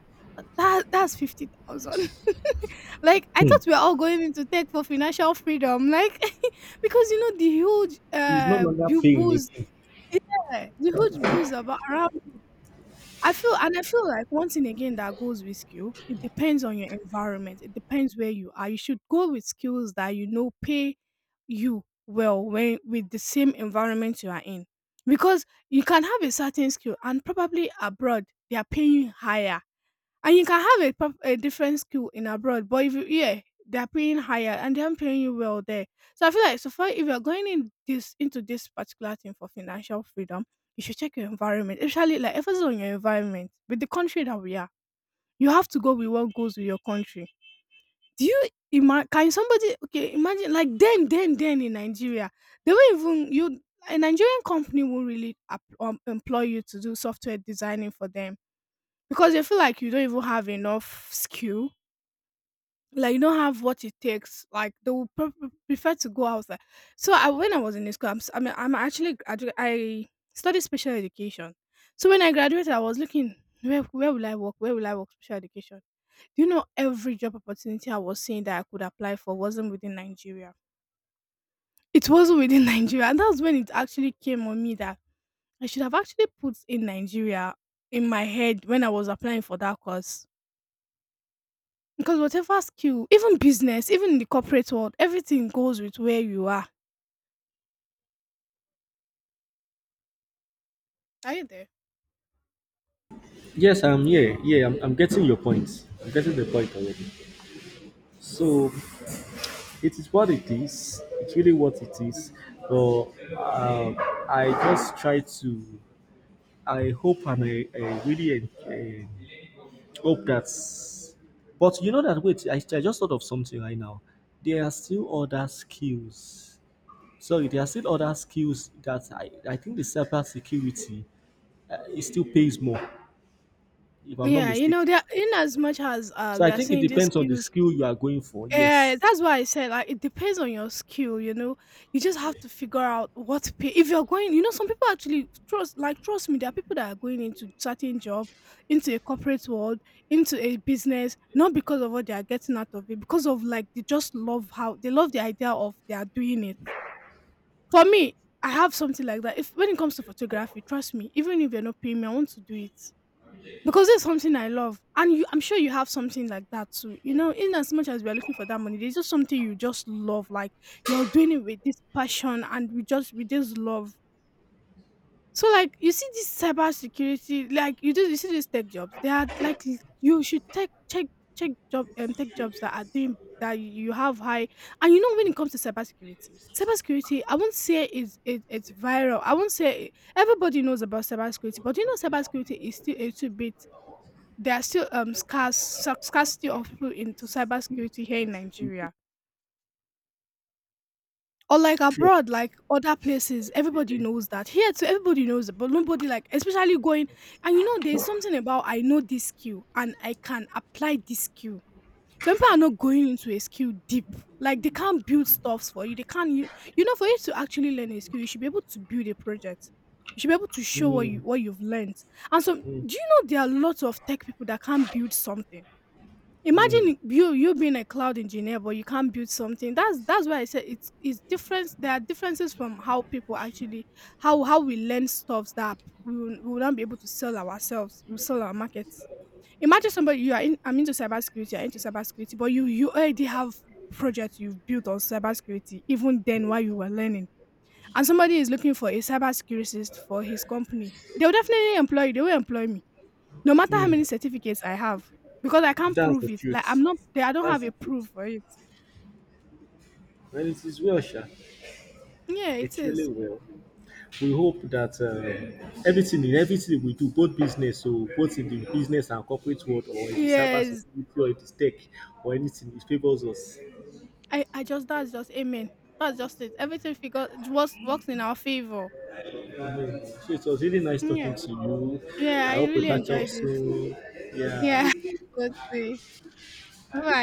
[SPEAKER 1] That's 50,000. Like I thought
[SPEAKER 2] on.
[SPEAKER 1] we were all going into tech for financial freedom, like because you know the huge
[SPEAKER 2] He's no longer paying
[SPEAKER 1] booze,
[SPEAKER 2] again.
[SPEAKER 1] yeah, the huge booze about around. I feel like one thing again that goes with skill, it depends on your environment. It depends where you are. You should go with skills that you know pay you well when with the same environment you are in. Because you can have a certain skill and probably abroad they are paying you higher. And you can have a a different skill in abroad, but if you here, they're paying higher and they're paying you well there. So I feel like so far if you're going in this into this particular thing for financial freedom, you should check your environment. Especially like emphasis on your environment with the country that we are. You have to go with what goes with your country. Do you imagine? Can somebody okay imagine like then in Nigeria they won't even you a Nigerian company won't really employ you to do software designing for them because they feel like you don't even have enough skill, like you don't have what it takes, like they will prefer to go outside. So when I was in the school, I mean, I studied special education. So when I graduated, I was looking where will I work special education. Do you know every job opportunity I was seeing that I could apply for wasn't within Nigeria? It wasn't within Nigeria, and that's when it actually came on me that I should have actually put in Nigeria in my head when I was applying for that course. Because whatever skill, even business, even in the corporate world, everything goes with where you are. Are you there?
[SPEAKER 2] Yes, I'm yeah, yeah, I'm getting your point. I'm getting the point already. So it is what it is. It's really what it is. But um, I just try to. I hope and I really hope that. But you know that wait, I just thought of something right now. There are still other skills. Sorry, there are still other skills that I think the cyber security it still pays more, if I'm not
[SPEAKER 1] Yeah, you know,
[SPEAKER 2] mistaken.
[SPEAKER 1] there in as much as
[SPEAKER 2] So
[SPEAKER 1] we
[SPEAKER 2] I
[SPEAKER 1] are
[SPEAKER 2] think it
[SPEAKER 1] saying these
[SPEAKER 2] depends on the
[SPEAKER 1] skills,
[SPEAKER 2] skill you are going for.
[SPEAKER 1] yeah,
[SPEAKER 2] Yes.
[SPEAKER 1] that's why I said like it depends on your skill, you know. You just have to figure out what to pay. If you're going, you know, some people actually trust me, there are people that are going into certain job, into a corporate world, into a business, not because of what they are getting out of it, because of like they just love how they love the idea of they are doing it. For me, I have something like that. If When it comes to photography, trust me, even if you're not paying me, I want to do it because it's something I love, and you, I'm sure you have something like that too. You know, in as much as we are looking for that money, there's just something you just love. Like you're doing it with this passion and we just with this love. So like you see this cybersecurity, like you see these tech jobs, they are like you should take check job tech jobs that are doing that you have high. And you know when it comes to cybersecurity, I won't say it's viral. I won't say everybody knows about cybersecurity, but you know cybersecurity is still a little bit there are still scarce scarcity of people into cybersecurity here in Nigeria. Or like
[SPEAKER 2] Sure.
[SPEAKER 1] abroad, like other places, everybody knows that. Here too, everybody knows it, but nobody like, especially going. And you know, there's something about I know this skill and I can apply this skill. Some people are not going into a skill deep. Like they can't build stuffs for you. They can't. You know, for you to actually learn a skill, you should be able to build a project. You should be able to show
[SPEAKER 2] Mm,
[SPEAKER 1] what you've learned. And so, do
[SPEAKER 2] mm,
[SPEAKER 1] you know there are lots of tech people that can't build something?
[SPEAKER 2] mm,
[SPEAKER 1] Imagine you being a cloud engineer, but you can't build something. That's why I said it's difference. There are differences from how people actually how we learn stuffs that we will not be able to sell ourselves. We sell our markets. Imagine somebody you are in. I'm into cybersecurity. You're into cybersecurity, but you already have projects you've built on cybersecurity. Even then, while you were learning, and somebody is looking for a cybersecurity for his company, they'll definitely employ you. They will employ me no matter how many
[SPEAKER 2] mm.
[SPEAKER 1] certificates I have, because I can't
[SPEAKER 2] That's
[SPEAKER 1] prove
[SPEAKER 2] the
[SPEAKER 1] it. Like I'm
[SPEAKER 2] truth.
[SPEAKER 1] not there, I don't have
[SPEAKER 2] That's
[SPEAKER 1] a
[SPEAKER 2] the
[SPEAKER 1] proof
[SPEAKER 2] truth.
[SPEAKER 1] for it.
[SPEAKER 2] Well, it is well, Sha.
[SPEAKER 1] Yeah, it
[SPEAKER 2] It really
[SPEAKER 1] is.
[SPEAKER 2] will. We hope that everything in everything we do, both business, so both in the business and corporate world, or in the cyber
[SPEAKER 1] Yes.
[SPEAKER 2] security, or in the tech, or anything, it favors us.
[SPEAKER 1] I just that's just amen. That's just it. Everything figure works in our favor.
[SPEAKER 2] Amen. So it was really nice
[SPEAKER 1] Yeah.
[SPEAKER 2] talking to you.
[SPEAKER 1] Yeah,
[SPEAKER 2] I
[SPEAKER 1] I
[SPEAKER 2] hope we
[SPEAKER 1] really
[SPEAKER 2] catch up
[SPEAKER 1] enjoyed it.
[SPEAKER 2] soon.
[SPEAKER 1] Yeah.
[SPEAKER 2] Yeah.
[SPEAKER 1] Let's see. Bye.